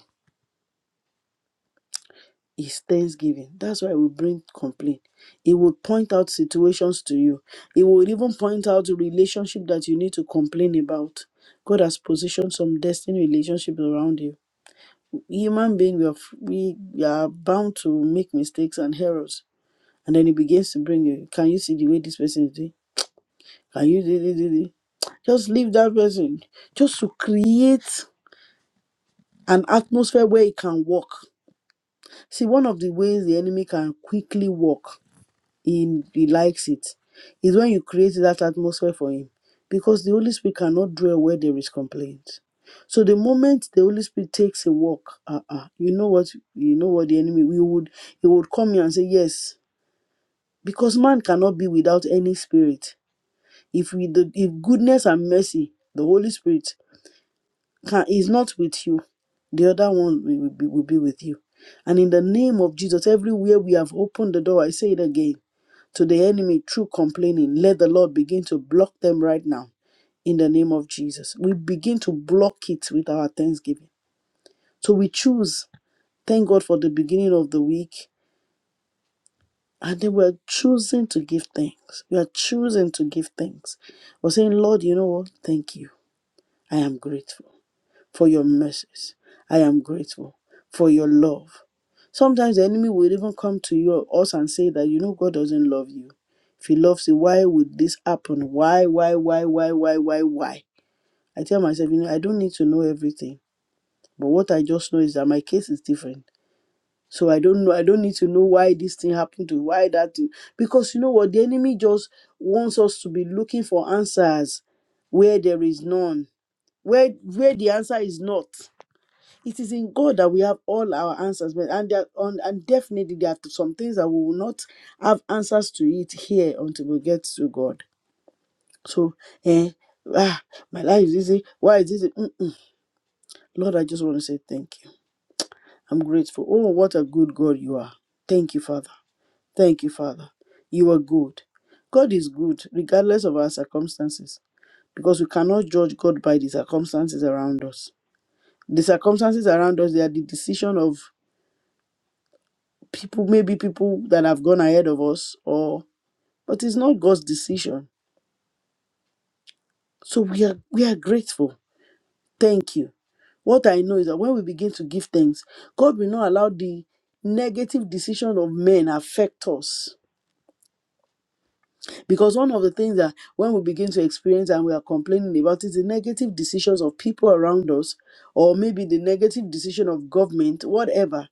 D: is thanksgiving. That's why we bring complaint. It will point out situations to you. It will even point out the relationship that you need to complain about. God has positioned some destiny relationships around you. Human being, we are, f- we we are bound to make mistakes and errors. And then it begins to bring you. Can you see the way this person is doing? Can you do, do, do, do? Just leave that person. Just to create an atmosphere where it can work. See, one of the ways the enemy can quickly work him he likes it is when you create that atmosphere for him because the holy spirit cannot dwell where there is complaint so the moment the holy spirit takes a walk uh-uh, you know what you know what the enemy we would he would come here and say yes because man cannot be without any spirit if we the if goodness and mercy the holy spirit can is not with you the other one will will be, will be with you and in the name of jesus everywhere we have opened the door i say it again to the enemy through complaining. Let the Lord begin to block them right now in the name of Jesus. We begin to block it with our thanksgiving. So we choose, thank God for the beginning of the week. And then we're choosing to give thanks. We are choosing to give thanks. We're saying, Lord, you know what? Thank you. I am grateful. for your mercies. I am grateful for your love. Sometimes the enemy will even come to you or us and say that you know God doesn't love you. If he loves you, why would this happen? Why, why, why, why, why, why, why? I tell myself, you know, I don't need to know everything. But what I just know is that my case is different. So I don't know, I don't need to know why this thing happened to why that thing. Because you know what? The enemy just wants us to be looking for answers where there is none. Where where the answer is not it is in God that we have all our answers, but and there, on, and definitely there are some things that we will not have answers to it here until we get to God. So, eh, ah, my life is easy. Why is this? Mm-mm. Lord, I just want to say thank you. I'm grateful. Oh, what a good God you are. Thank you, Father. Thank you, Father. You are good. God is good, regardless of our circumstances, because we cannot judge God by the circumstances around us. The circumstances around us, they are the decision of people maybe people that have gone ahead of us or but it's not god's decision so we are we are grateful thank you what i know is that when we begin to give thanks god will not allow the negative decision of men affect us because one of the things that when we begin to experience and we are complaining about is the negative decisions of people around us or maybe the negative decision of government whatever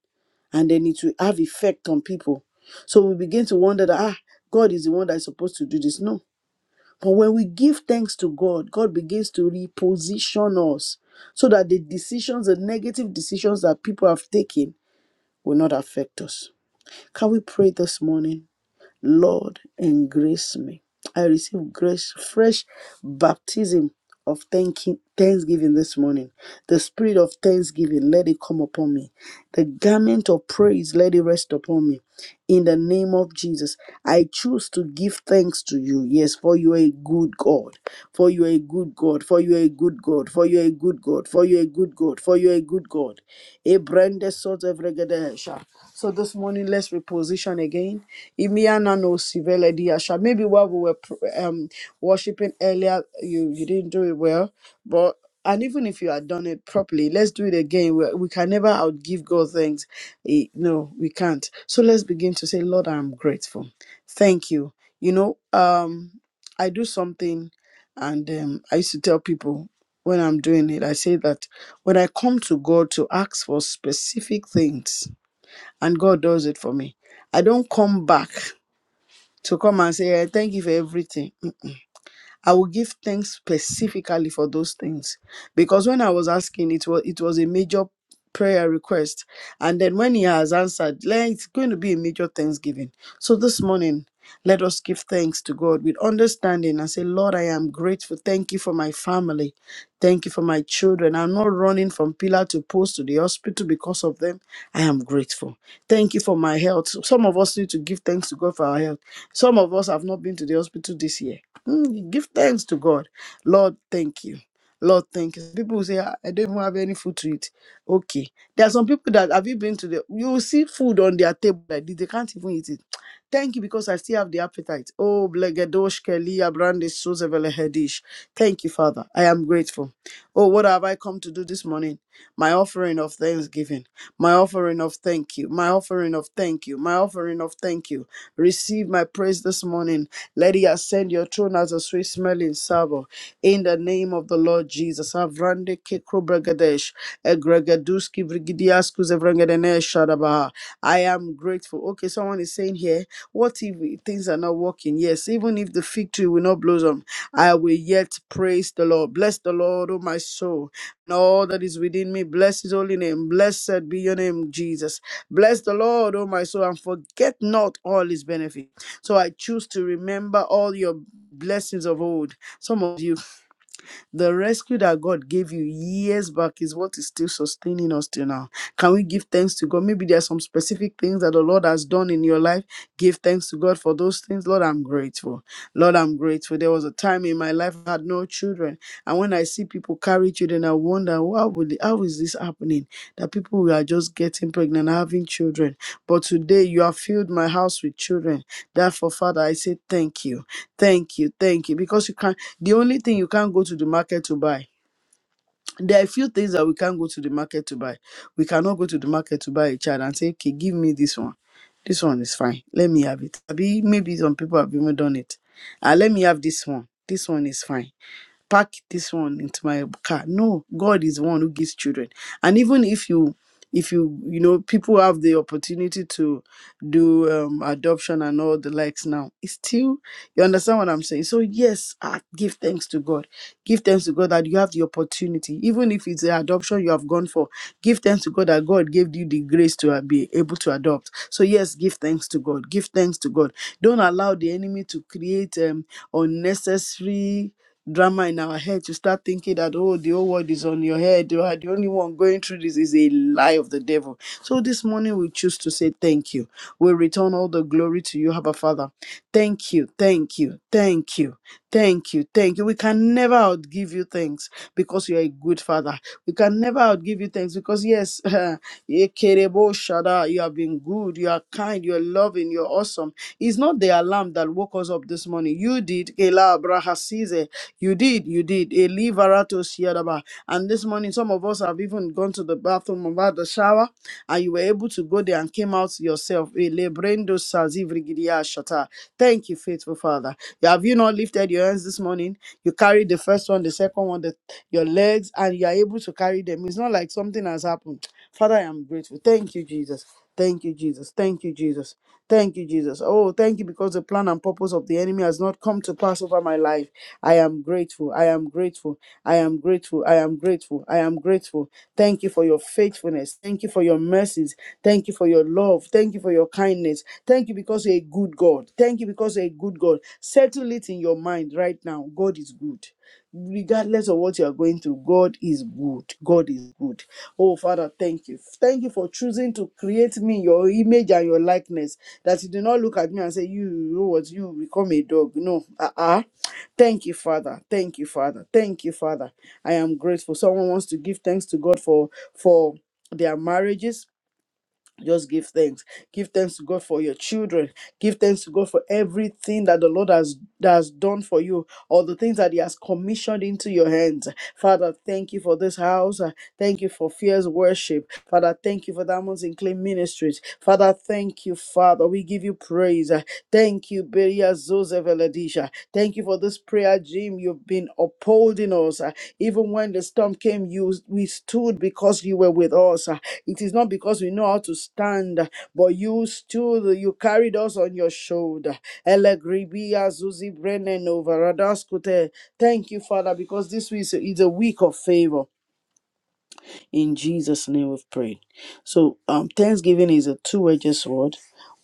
D: and then it will have effect on people so we begin to wonder that ah god is the one that is supposed to do this no But when we give thanks to God, God begins to reposition us so that the decisions, the negative decisions that people have taken, will not affect us. Can we pray this morning? Lord, Engrace me. I receive grace, fresh baptism of thanking, thanksgiving this morning. The spirit of thanksgiving, let it come upon me. The garment of praise, let it rest upon me in the name of Jesus. I choose to give thanks to you. Yes, for you are a good God. For you are a good God. For you are a good God. For you are a good God. For you are a good God. For you are a good God. A branded sort of regedesha. So this morning, let's reposition again. Imiana no sivele di asha. Maybe while we were pr- um, worshiping earlier, you, you didn't do it well, but and even if you had done it properly, let's do it again. We, we can never outgive God thanks Eh, no we can't so let's begin to say lord i'm grateful thank you you know um i do something and um, i used to tell people when i'm doing it i say that when i come to god to ask for specific things and god does it for me i don't come back to come and say "Eh, thank you for everything I will give thanks specifically for those things. Because when I was asking, it was it was a major prayer request. And then when he has answered, like, it's going to be a major thanksgiving. So this morning, let us give thanks to God with understanding and say, Lord, I am grateful. Thank you for my family. Thank you for my children. I'm not running from pillar to post to the hospital because of them. I am grateful. Thank you for my health. Some of us need to give thanks to God for our health. Some of us have not been to the hospital this year. Mm, give thanks to God. Lord, thank you. Lord, thank you. People will say, "Ah, I don't even have any food to eat. Okay. There are some people that have you been to the you will see food on their table like this, they can't even eat it. Thank you because I still have the appetite. Oh, Blegedosh Kelly Abrande Sozevele Hedish. Thank you, Father. I am grateful. Oh, what have I come to do this morning? My offering of thanksgiving, my offering of thank you, my offering of thank you, my offering of thank you. Receive my praise this morning. Let it ascend your throne as a sweet smelling savour. In the name of the Lord Jesus. Avrande kekro Kekrobregadesh. Egregaduski Brigidiaskus Evrengedenesh Shadabaha. I am grateful. Okay, someone is saying here, what if things are not working? Yes, even if the fig tree will not blossom, I will yet praise the Lord. Bless the Lord, O my soul, and all that is within me. Bless his holy name. Blessed be your name, Jesus. Bless the Lord, O my soul, and forget not all his benefits so I choose to remember all your blessings of old. Some of you the rescue that God gave you years back is what is still sustaining us till now. Can we give thanks to God? Maybe there are some specific things that the Lord has done in your life. Give thanks to God for those things. Lord, I'm grateful. Lord, I'm grateful. There was a time in my life I had no children. And when I see people carry children, I wonder, why would how is this happening? That people are just getting pregnant, having children. But today you have filled my house with children. Therefore, Father, I say thank you. Thank you, thank you. Because you can't, the only thing you can't go to the market to buy. There are a few things that we can't go to the market to buy. We cannot go to the market to buy a child and say, okay, give me this one. This one is fine. Let me have it. Abi, Maybe some people have even done it. Ah, let me have this one. This one is fine pack this one into my car no god is the one who gives children and even if you if you you know people have the opportunity to do um, adoption and all the likes now it's still you understand what i'm saying so yes ah, give thanks to god give thanks to god that you have the opportunity even if it's the adoption you have gone for give thanks to god that god gave you the grace to uh, be able to adopt so yes give thanks to god give thanks to god don't allow the enemy to create um, unnecessary drama in our head to start thinking that oh the whole world is on your head you are the only one going through this is a lie of the devil so this morning we choose to say thank you we return all the glory to you Abba father thank you thank you thank you thank you thank you we can never outgive you thanks because you're a good father we can never outgive you thanks because yes Ekerebo Shada, you have been good you are kind you're loving you're awesome it's not the alarm that woke us up this morning you did Kela Abrahasize. You did, you did. Elivarato Siadaba. And this morning, some of us have even gone to the bathroom and had the shower, and you were able to go there and came out yourself. Elebrendo Sazivrigidia Shata. Thank you, faithful Father. Have you not lifted your hands this morning? You carried the first one, the second one, the your legs and you are able to carry them. It's not like something has happened. Father, I am grateful. Thank you, Jesus. Thank you, Jesus. Thank you, Jesus. Thank you, Jesus. Oh, thank you because the plan and purpose of the enemy has not come to pass over my life. I am grateful. I am grateful. I am grateful. I am grateful. I am grateful. Thank you for your faithfulness. Thank you for your mercies. Thank you for your love. Thank you for your kindness. Thank you because you're a good God. Thank you because you're a good God. Settle it in your mind right now. God is good. Regardless of what you are going through, God is good. God is good. Oh, Father, thank you. Thank you for choosing to create me in your image and your likeness. That you do not look at me and say, You, you know what, you become a dog. No. Uh-uh. Thank you, Father. Thank you, Father. Thank you, Father. I am grateful. Someone wants to give thanks to God for for their marriages just give thanks. Give thanks to God for your children. Give thanks to God for everything that the Lord has, has done for you, or the things that He has commissioned into your hands. Father, thank you for this house. Uh, Thank you for fierce worship. Father, thank you for Diamonds in Clay Ministries. Father, thank you, Father. We give you praise. Uh, Thank you, Beria Zoze Veladisha. Thank you for this prayer, Jim. You've been upholding us. Uh, Even when the storm came, you we stood because you were with us. Uh, it is not because we know how to stand, but you stood, you carried us on your shoulder. Elegribi azuzi brenen over Radaskute. Thank you, Father, because this is is a week of favor. In Jesus' name we've prayed. So um, thanksgiving is a two-edged sword.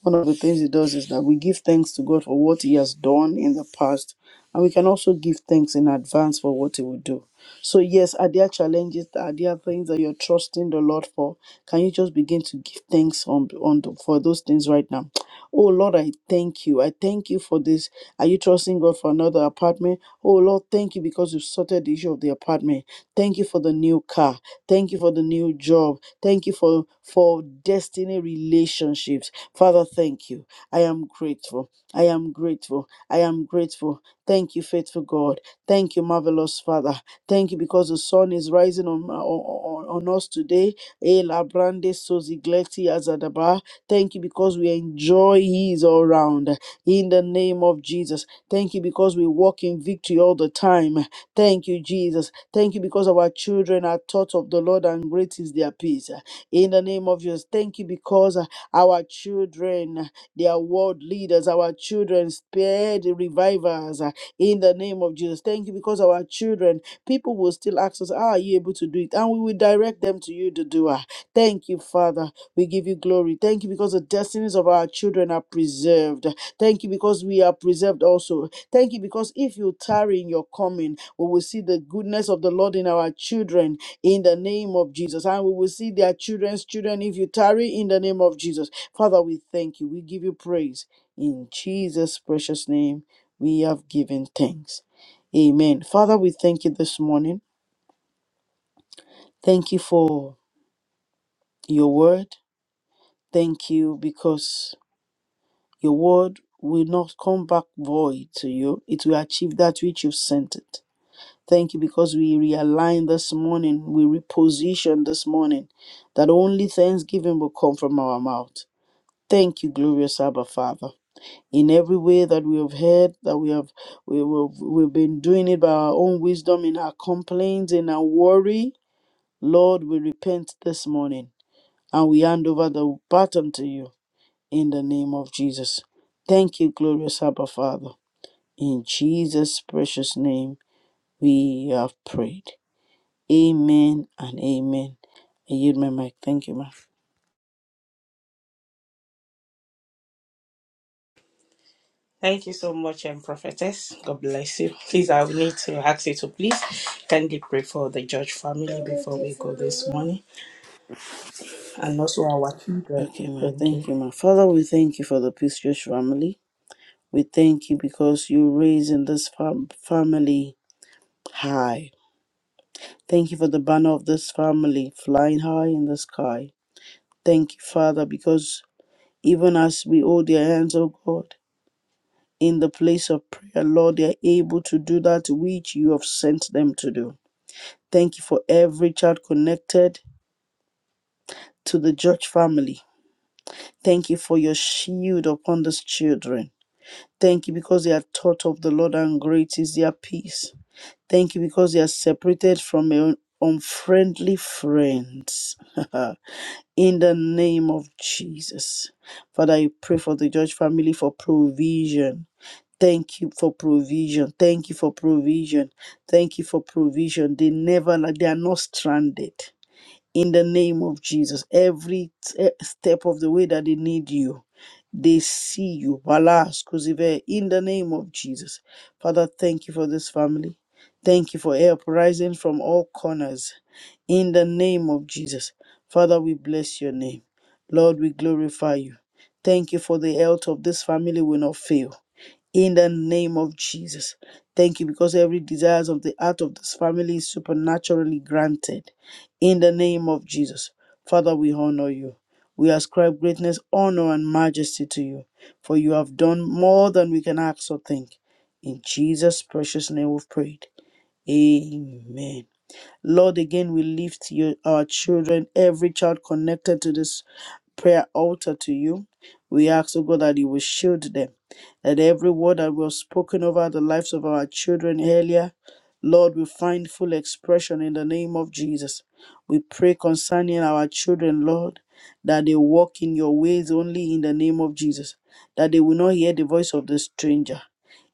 D: One of the things it does is that we give thanks to God for what He has done in the past, and we can also give thanks in advance for what He will do. So yes, are there challenges? Are there things that you're trusting the Lord for? Can you just begin to give thanks on on the, for those things right now? Oh Lord, I thank you. I thank you for this. Are you trusting God for another apartment? Oh Lord, thank you because you've sorted the issue of the apartment. Thank you for the new car. Thank you for the new job. Thank you for, for destiny relationships. Father, thank you. I am grateful. I am grateful. I am grateful. Thank you, faithful God. Thank you, marvelous Father. Thank you because the sun is rising on, on, on on us today. Eh, la brande sozigleti azadaba. Thank you because we enjoy His all round. In the name of Jesus. Thank you because we walk in victory all the time. Thank you, Jesus. Thank you because our children are taught of the Lord and great is their peace. In the name of Jesus, thank you because uh, our children, uh, they are world leaders. Our children spared revivers. uh, In the name of Jesus, thank you because our children People will still ask us, How are you able to do it? And we will direct them to you, the doer. Thank you, Father. We give you glory. Thank you because the destinies of our children are preserved. Thank you because we are preserved also. Thank you because if you tarry in your coming, we will see the goodness of the Lord in our children in the name of Jesus. And we will see their children's children if you tarry in the name of Jesus. Father, we thank you. We give you praise. In Jesus' precious name, we have given thanks. Amen. Father, we thank you this morning. Thank you for your word. Thank you because your word will not come back void to you. It will achieve that which you sent it. Thank you because we realign this morning, we reposition this morning that only thanksgiving will come from our mouth. Thank you, glorious Abba Father. In every way that we have heard, that we have we, we, we've been doing it by our own wisdom, in our complaints, in our worry, Lord, we repent this morning and we hand over the baton to you in the name of Jesus. Thank you, glorious Abba Father. In Jesus' precious name, we have prayed. Amen and amen. I yield my mic. Thank you, ma.
B: Thank you so much, um, prophetess. God bless you. Please, I will need to ask you to please kindly pray for the George family before we go this morning and also our children.
D: Okay, ma.
B: Thank
D: Thank
B: you.
D: you, ma. Father, we thank you for the Peace Church family. We thank you because you're raising this fam- family high. Thank you for the banner of this family flying high in the sky. Thank you, Father, because even as we hold their hands, O God, in the place of prayer, Lord, they are able to do that which you have sent them to do. Thank you for every child connected to the Judge family. Thank you for your shield upon these children. Thank you because they are taught of the Lord and great is their peace. Thank you because they are separated from un- unfriendly friends. in the name of Jesus. Father, I pray for the Judge family for provision Thank you for provision. Thank you for provision. Thank you for provision. They never, they are not stranded. In the name of Jesus, every t- step of the way that they need you, they see you. Balas Kuzive, In the name of Jesus. Father, thank you for this family. Thank you for help rising from all corners. In the name of Jesus. Father, we bless your name. Lord, we glorify you. Thank you for the health of this family will not fail in the name of Jesus. Thank you because every desires of the heart of this family is supernaturally granted in the name of Jesus. Father, we honor you. We ascribe greatness, honor, and majesty to you, for you have done more than we can ask or think. In Jesus' precious name we've prayed. Amen. Lord, again, we lift you, our children, every child connected to this prayer altar to you. We ask, oh God, that you will shield them, that every word that was spoken over the lives of our children earlier, Lord, will find full expression in the name of Jesus. We pray concerning our children, Lord, that they walk in your ways only in the name of Jesus, that they will not hear the voice of the stranger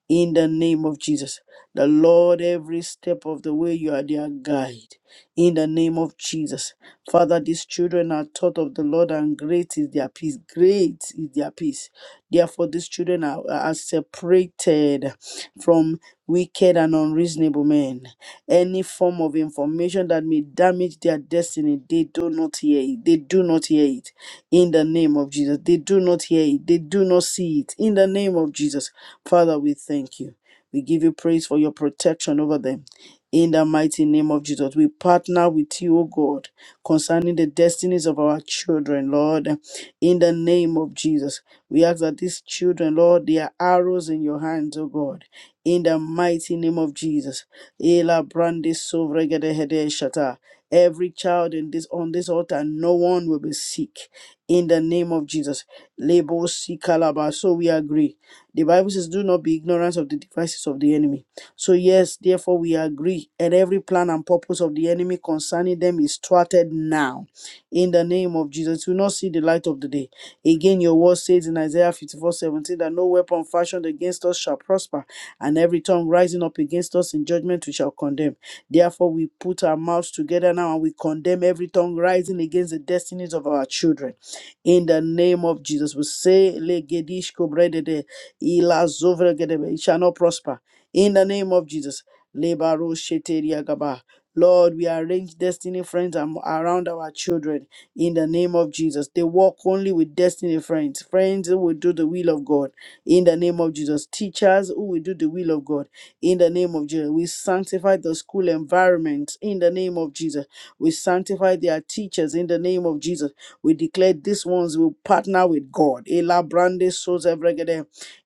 D: in the name of Jesus. The Lord, every step of the way, you are their guide. In the name of Jesus. Father, these children are taught of the Lord, and great is their peace. Great is their peace. Therefore, these children are, are separated from wicked and unreasonable men. Any form of information that may damage their destiny, they do not hear it. They do not hear it. In the name of Jesus. They do not hear it. They do not see it. In the name of Jesus. Father, we thank you. We give you praise for your protection over them. In the mighty name of Jesus, we partner with you, O God, concerning the destinies of our children, Lord. In the name of Jesus, we ask that these children, Lord, they are arrows in your hands, O God. In the mighty name of Jesus, Ela brande sovregede hede shata. every child in this on this altar, no one will be sick. In the name of Jesus, Lebo si kalaba. So we agree. The Bible says, Do not be ignorant of the devices of the enemy. So, yes, therefore, we agree, and every plan and purpose of the enemy concerning them is thwarted now. In the name of Jesus, we will not see the light of the day. Again, your word says in Isaiah 54 17 that no weapon fashioned against us shall prosper, and every tongue rising up against us in judgment we shall condemn. Therefore, we put our mouths together now and we condemn every tongue rising against the destinies of our children. In the name of Jesus, we say, Legedish Kobredede. Ila zovra gedebe. It shall not prosper. In the name of Jesus. Lebaro sheteria gaba. Lord, we arrange destiny friends am- around our children in the name of Jesus. They walk only with destiny friends, friends who will do the will of God in the name of Jesus, teachers who will do the will of God in the name of Jesus. We sanctify the school environment in the name of Jesus. We sanctify their teachers in the name of Jesus. We declare these ones will partner with God. Ela brande soze vregede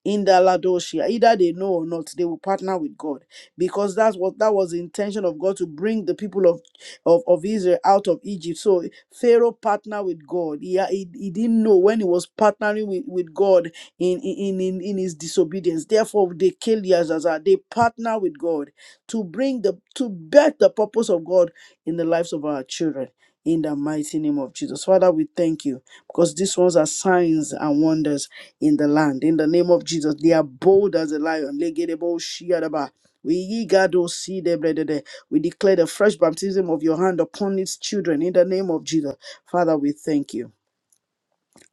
D: in the Ladoshia. Either they know or not, they will partner with God because that's what that was the intention of God to bring the people of of, of Israel out of Egypt. So Pharaoh partnered with God. He, he, he didn't know when he was partnering with, with God in, in, in, in his disobedience. Therefore, they killed Yazazar. They partner with God to bring the to bear the purpose of God in the lives of our children. In the mighty name of Jesus. Father, we thank you because these ones are signs and wonders in the land. In the name of Jesus, they are bold as a lion. Legedebo shiadaba. We yigado sidebredede. We declare the fresh baptism of your hand upon its children in the name of Jesus. Father, we thank you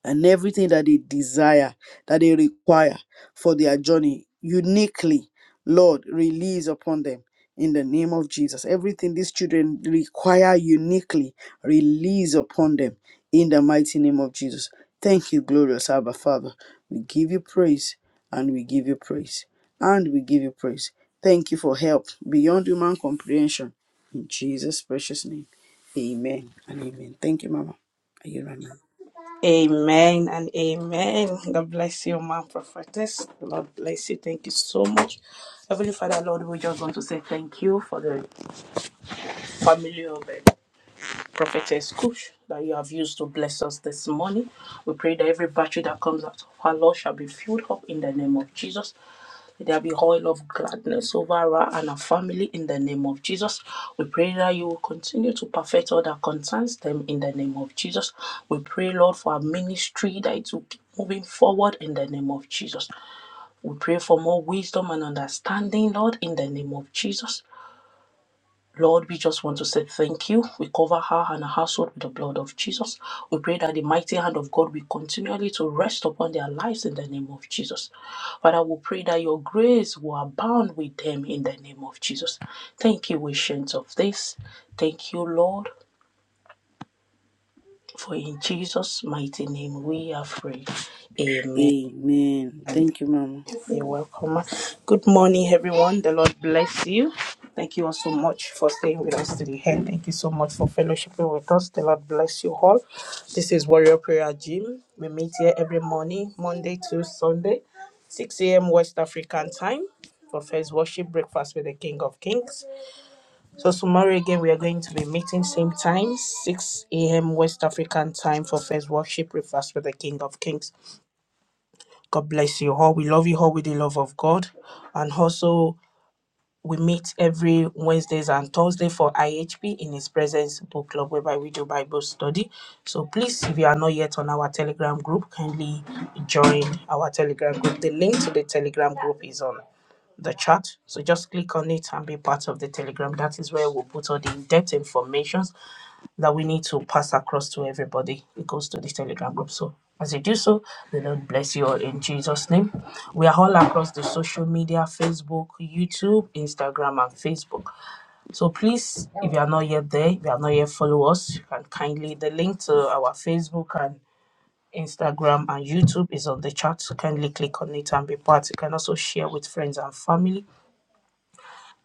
D: and everything that they desire, that they require for their journey uniquely. Lord, release upon them in the name of Jesus. Everything these children require uniquely, release upon them in the mighty name of Jesus. Thank you, glorious Abba Father. We give you praise and we give you praise and we give you praise. Thank you for help beyond human comprehension. In Jesus' precious name, amen and amen. Thank you, Mama. Are you running?
B: Amen and amen. God bless you, ma prophetess. Lord bless you. Thank you so much. Heavenly Father, Lord, we just want to say thank you for the family of God. Prophetess Kush that you have used to bless us this morning. We pray that every battery that comes out of her, Lord, shall be filled up in the name of Jesus. Let there be oil of gladness over her and her family in the name of Jesus. We pray that you will continue to perfect all that concerns them in the name of Jesus. We pray, Lord, for our ministry that it will keep moving forward in the name of Jesus. We pray for more wisdom and understanding, Lord, in the name of Jesus. Lord, we just want to say thank you. We cover her and her household with the blood of Jesus. We pray that the mighty hand of God will continually to rest upon their lives in the name of Jesus. Father, we pray that your grace will abound with them in the name of Jesus. Thank you, Ancient of this. Thank you, Lord, for in Jesus' mighty name we are free. Amen.
D: Amen. Thank you, Mama.
B: You're welcome. Good morning, everyone. The Lord bless you. Thank you all so much for staying with us to the end. Thank you so much for fellowshipping with us. The Lord bless you all. This is Warrior Prayer Gym. We meet here every morning, Monday to Sunday, 6 a.m. West African time for first worship breakfast with the King of Kings. So tomorrow again we are going to be meeting same time, 6 a.m. West African time for first worship breakfast with the King of Kings. God bless you all. We love you all with the love of God. And also, we meet every Wednesdays and Thursday for IHP in His Presence Book Club, whereby we do Bible study. So please, if you are not yet on our Telegram group, kindly join our Telegram group. The link to the Telegram group is on the chat. So just click on it and be part of the Telegram. That is where we'll put all the in-depth information that we need to pass across to everybody. It goes to the Telegram group. So as you do so, the Lord bless you all in Jesus' name. We are all across the social media Facebook, YouTube, Instagram, and Facebook. So please, if you are not yet there, if you are not yet follow us, you can kindly, the link to our Facebook and Instagram and YouTube is on the chat. So, Kindly click on it and be part. You can also share with friends and family.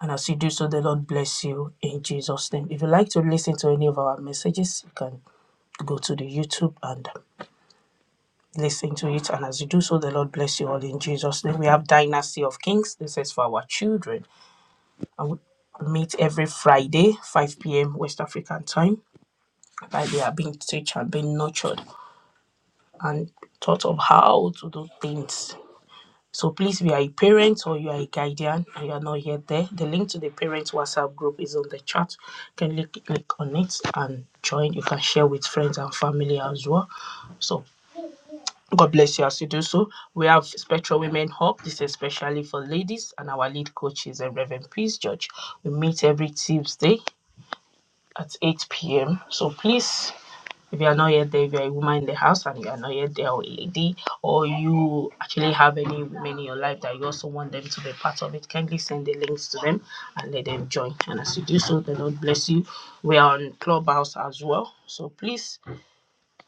B: And as you do so, the Lord bless you in Jesus' name. If you like to listen to any of our messages, you can go to the YouTube and listen to it. And as you do so, the Lord bless you all in Jesus' name. We have Dynasty of Kings. This is for our children. And we meet every Friday, 5 p.m. West African time. Like they are being teach and being nurtured and taught of how to do things. So please, if you are a parent or you are a guardian and you are not yet there, the link to the parent WhatsApp group is on the chat. You can click, click on it and join. You can share with friends and family as well. So. God bless you as you do so. We have Spectral Women Hub. This is especially for ladies, and our lead coach is a Reverend Peace George, We meet every Tuesday at 8 p.m. So please, if you are not yet there, if you are a woman in the house and you are not yet there, or a lady, or you actually have any women in your life that you also want them to be part of it, kindly send the links to them and let them join. And as you do so, the Lord bless you. We are on Clubhouse as well. So please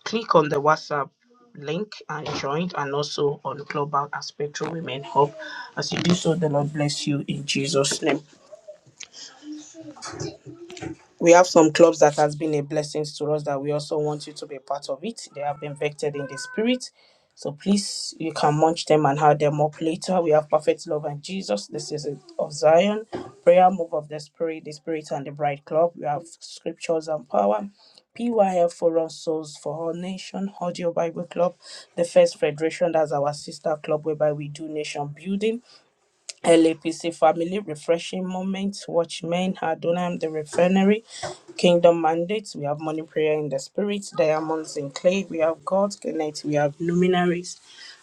B: click on the WhatsApp link and join, and also on Global Aspectral Women Hub. As you do so, the Lord bless you in Jesus' name we have some clubs that has been a blessing to us that we also want you to be a part of it. They have been vectored in the spirit. So please, you can munch them and have them up later. We have Perfect Love and Jesus. This is it of Zion. Prayer Move of the Spirit, the Spirit and the Bride Club. We have Scriptures and Power. PYF Forum Souls for All Nation, Audio Bible Club, the First Federation, that's our sister club whereby we do nation building. LAPC Family Refreshing Moments, Watchmen, Adonam, The Refinery, Kingdom Mandates, we have Morning Prayer in the Spirit, Diamonds in Clay, we have God's Connect, we have Luminaries,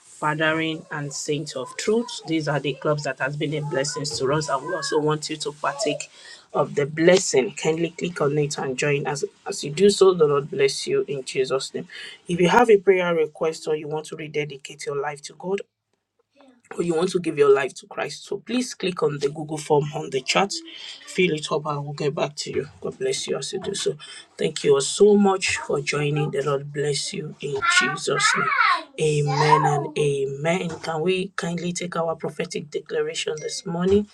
B: Fathering, and Saints of Truth. These are the clubs that has been a blessing to us, and we also want you to partake of the blessing. Kindly click on it and join us. As you do so, the Lord bless you in Jesus' name. If you have a prayer request or you want to rededicate your life to God, or you want to give your life to Christ. So please click on the Google form on the chat, fill it up, and we'll get back to you. God bless you as you do so. Thank you all so much for joining. The Lord bless you in Jesus' name. Amen and amen. Can we kindly take our prophetic declaration this morning?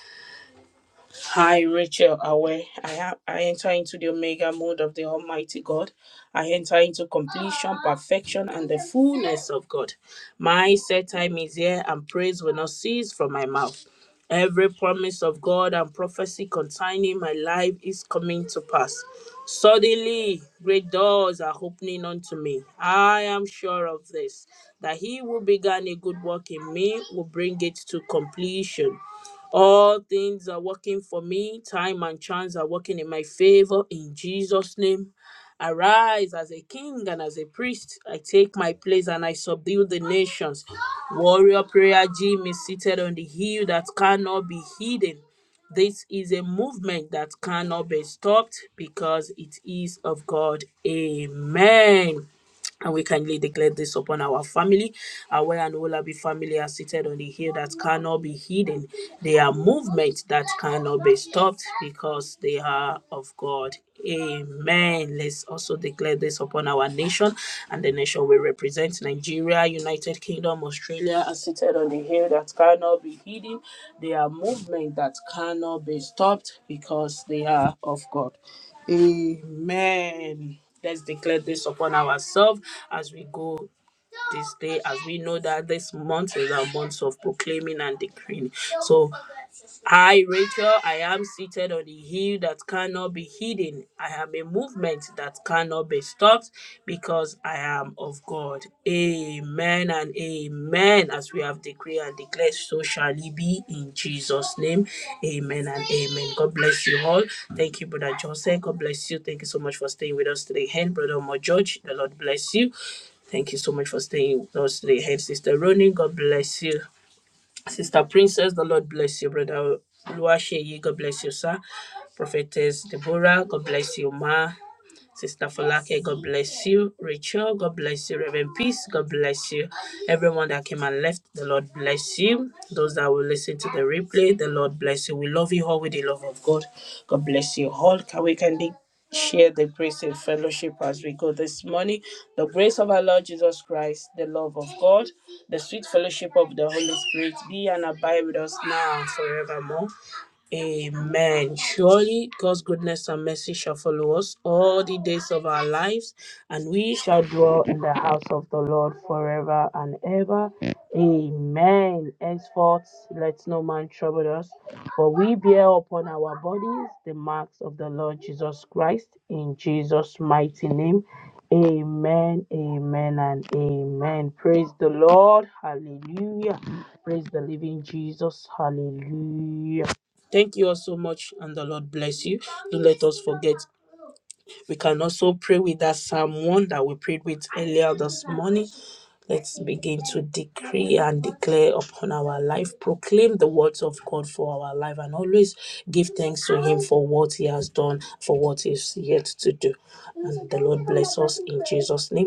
B: Hi, Rachel Awe. I have I enter into the omega mode of the Almighty God. I enter into completion, perfection, and the fullness of God. My set time is here, and praise will not cease from my mouth. Every promise of God and prophecy concerning my life is coming to pass. Suddenly, great doors are opening unto me. I am sure of this, that he who began a good work in me will bring it to completion. All things are working for me. Time and chance are working in my favor in Jesus' name. Arise as a king and as a priest. I take my place and I subdue the nations. Warrior Prayer Gym is seated on the hill that cannot be hidden. This is a movement that cannot be stopped because it is of God. Amen. And we kindly declare this upon our family. Our well and Olabi family are seated on the hill that cannot be hidden. They are movements that cannot be stopped because they are of God. Amen. Let's also declare this upon our nation and the nation we represent Nigeria, United Kingdom, Australia are seated on the hill that cannot be hidden. They are movements that cannot be stopped because they are of God. Amen. Let's declare this upon ourselves as we go this day, as we know that this month is a month of proclaiming and decreeing. So I, Rachel, I am seated on a hill that cannot be hidden. I am a movement that cannot be stopped because I am of God. Amen and amen. As we have decreed and declared, so shall it be in Jesus' name. Amen and amen. God bless you all. Thank you, Brother Joseph. God bless you. Thank you so much for staying with us today. And Brother Omo George, the Lord bless you. Thank you so much for staying with us today. Hey, Sister Ronin, God bless you. Sister Princess, the Lord bless you. Brother Luasheyi, God bless you, sir. Prophetess Deborah, God bless you, ma. Sister Falake, God bless you. Rachel, God bless you. Reverend Peace, God bless you. Everyone that came and left, the Lord bless you. Those that will listen to the replay, the Lord bless you. We love you all with the love of God. God bless you all. Can we kindly share the grace and fellowship as we go this morning? The grace of our Lord Jesus Christ, the love of God, the sweet fellowship of the Holy Spirit be and abide with us now and forevermore. Amen. Surely God's goodness and mercy shall follow us all the days of our lives, and we shall dwell in the house of the Lord forever and ever. Amen. Henceforth, let no man trouble us, for we bear upon our bodies the marks of the Lord Jesus Christ. In Jesus' mighty name, amen, amen, and amen. Praise the Lord. Hallelujah. Praise the living Jesus. Hallelujah. Thank you all so much, and the Lord bless you. Don't let us forget. We can also pray with that Psalm 1 that we prayed with earlier this morning. Let's begin to decree and declare upon our life, proclaim the words of God for our life, and always give thanks to Him for what He has done, for what He's yet to do. And the Lord bless us in Jesus' name.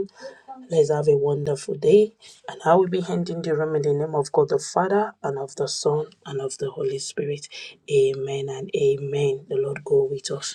B: Let's have a wonderful day. And I will be ending the room in the name of God the Father and of the Son and of the Holy Spirit. Amen and amen. The Lord go with us.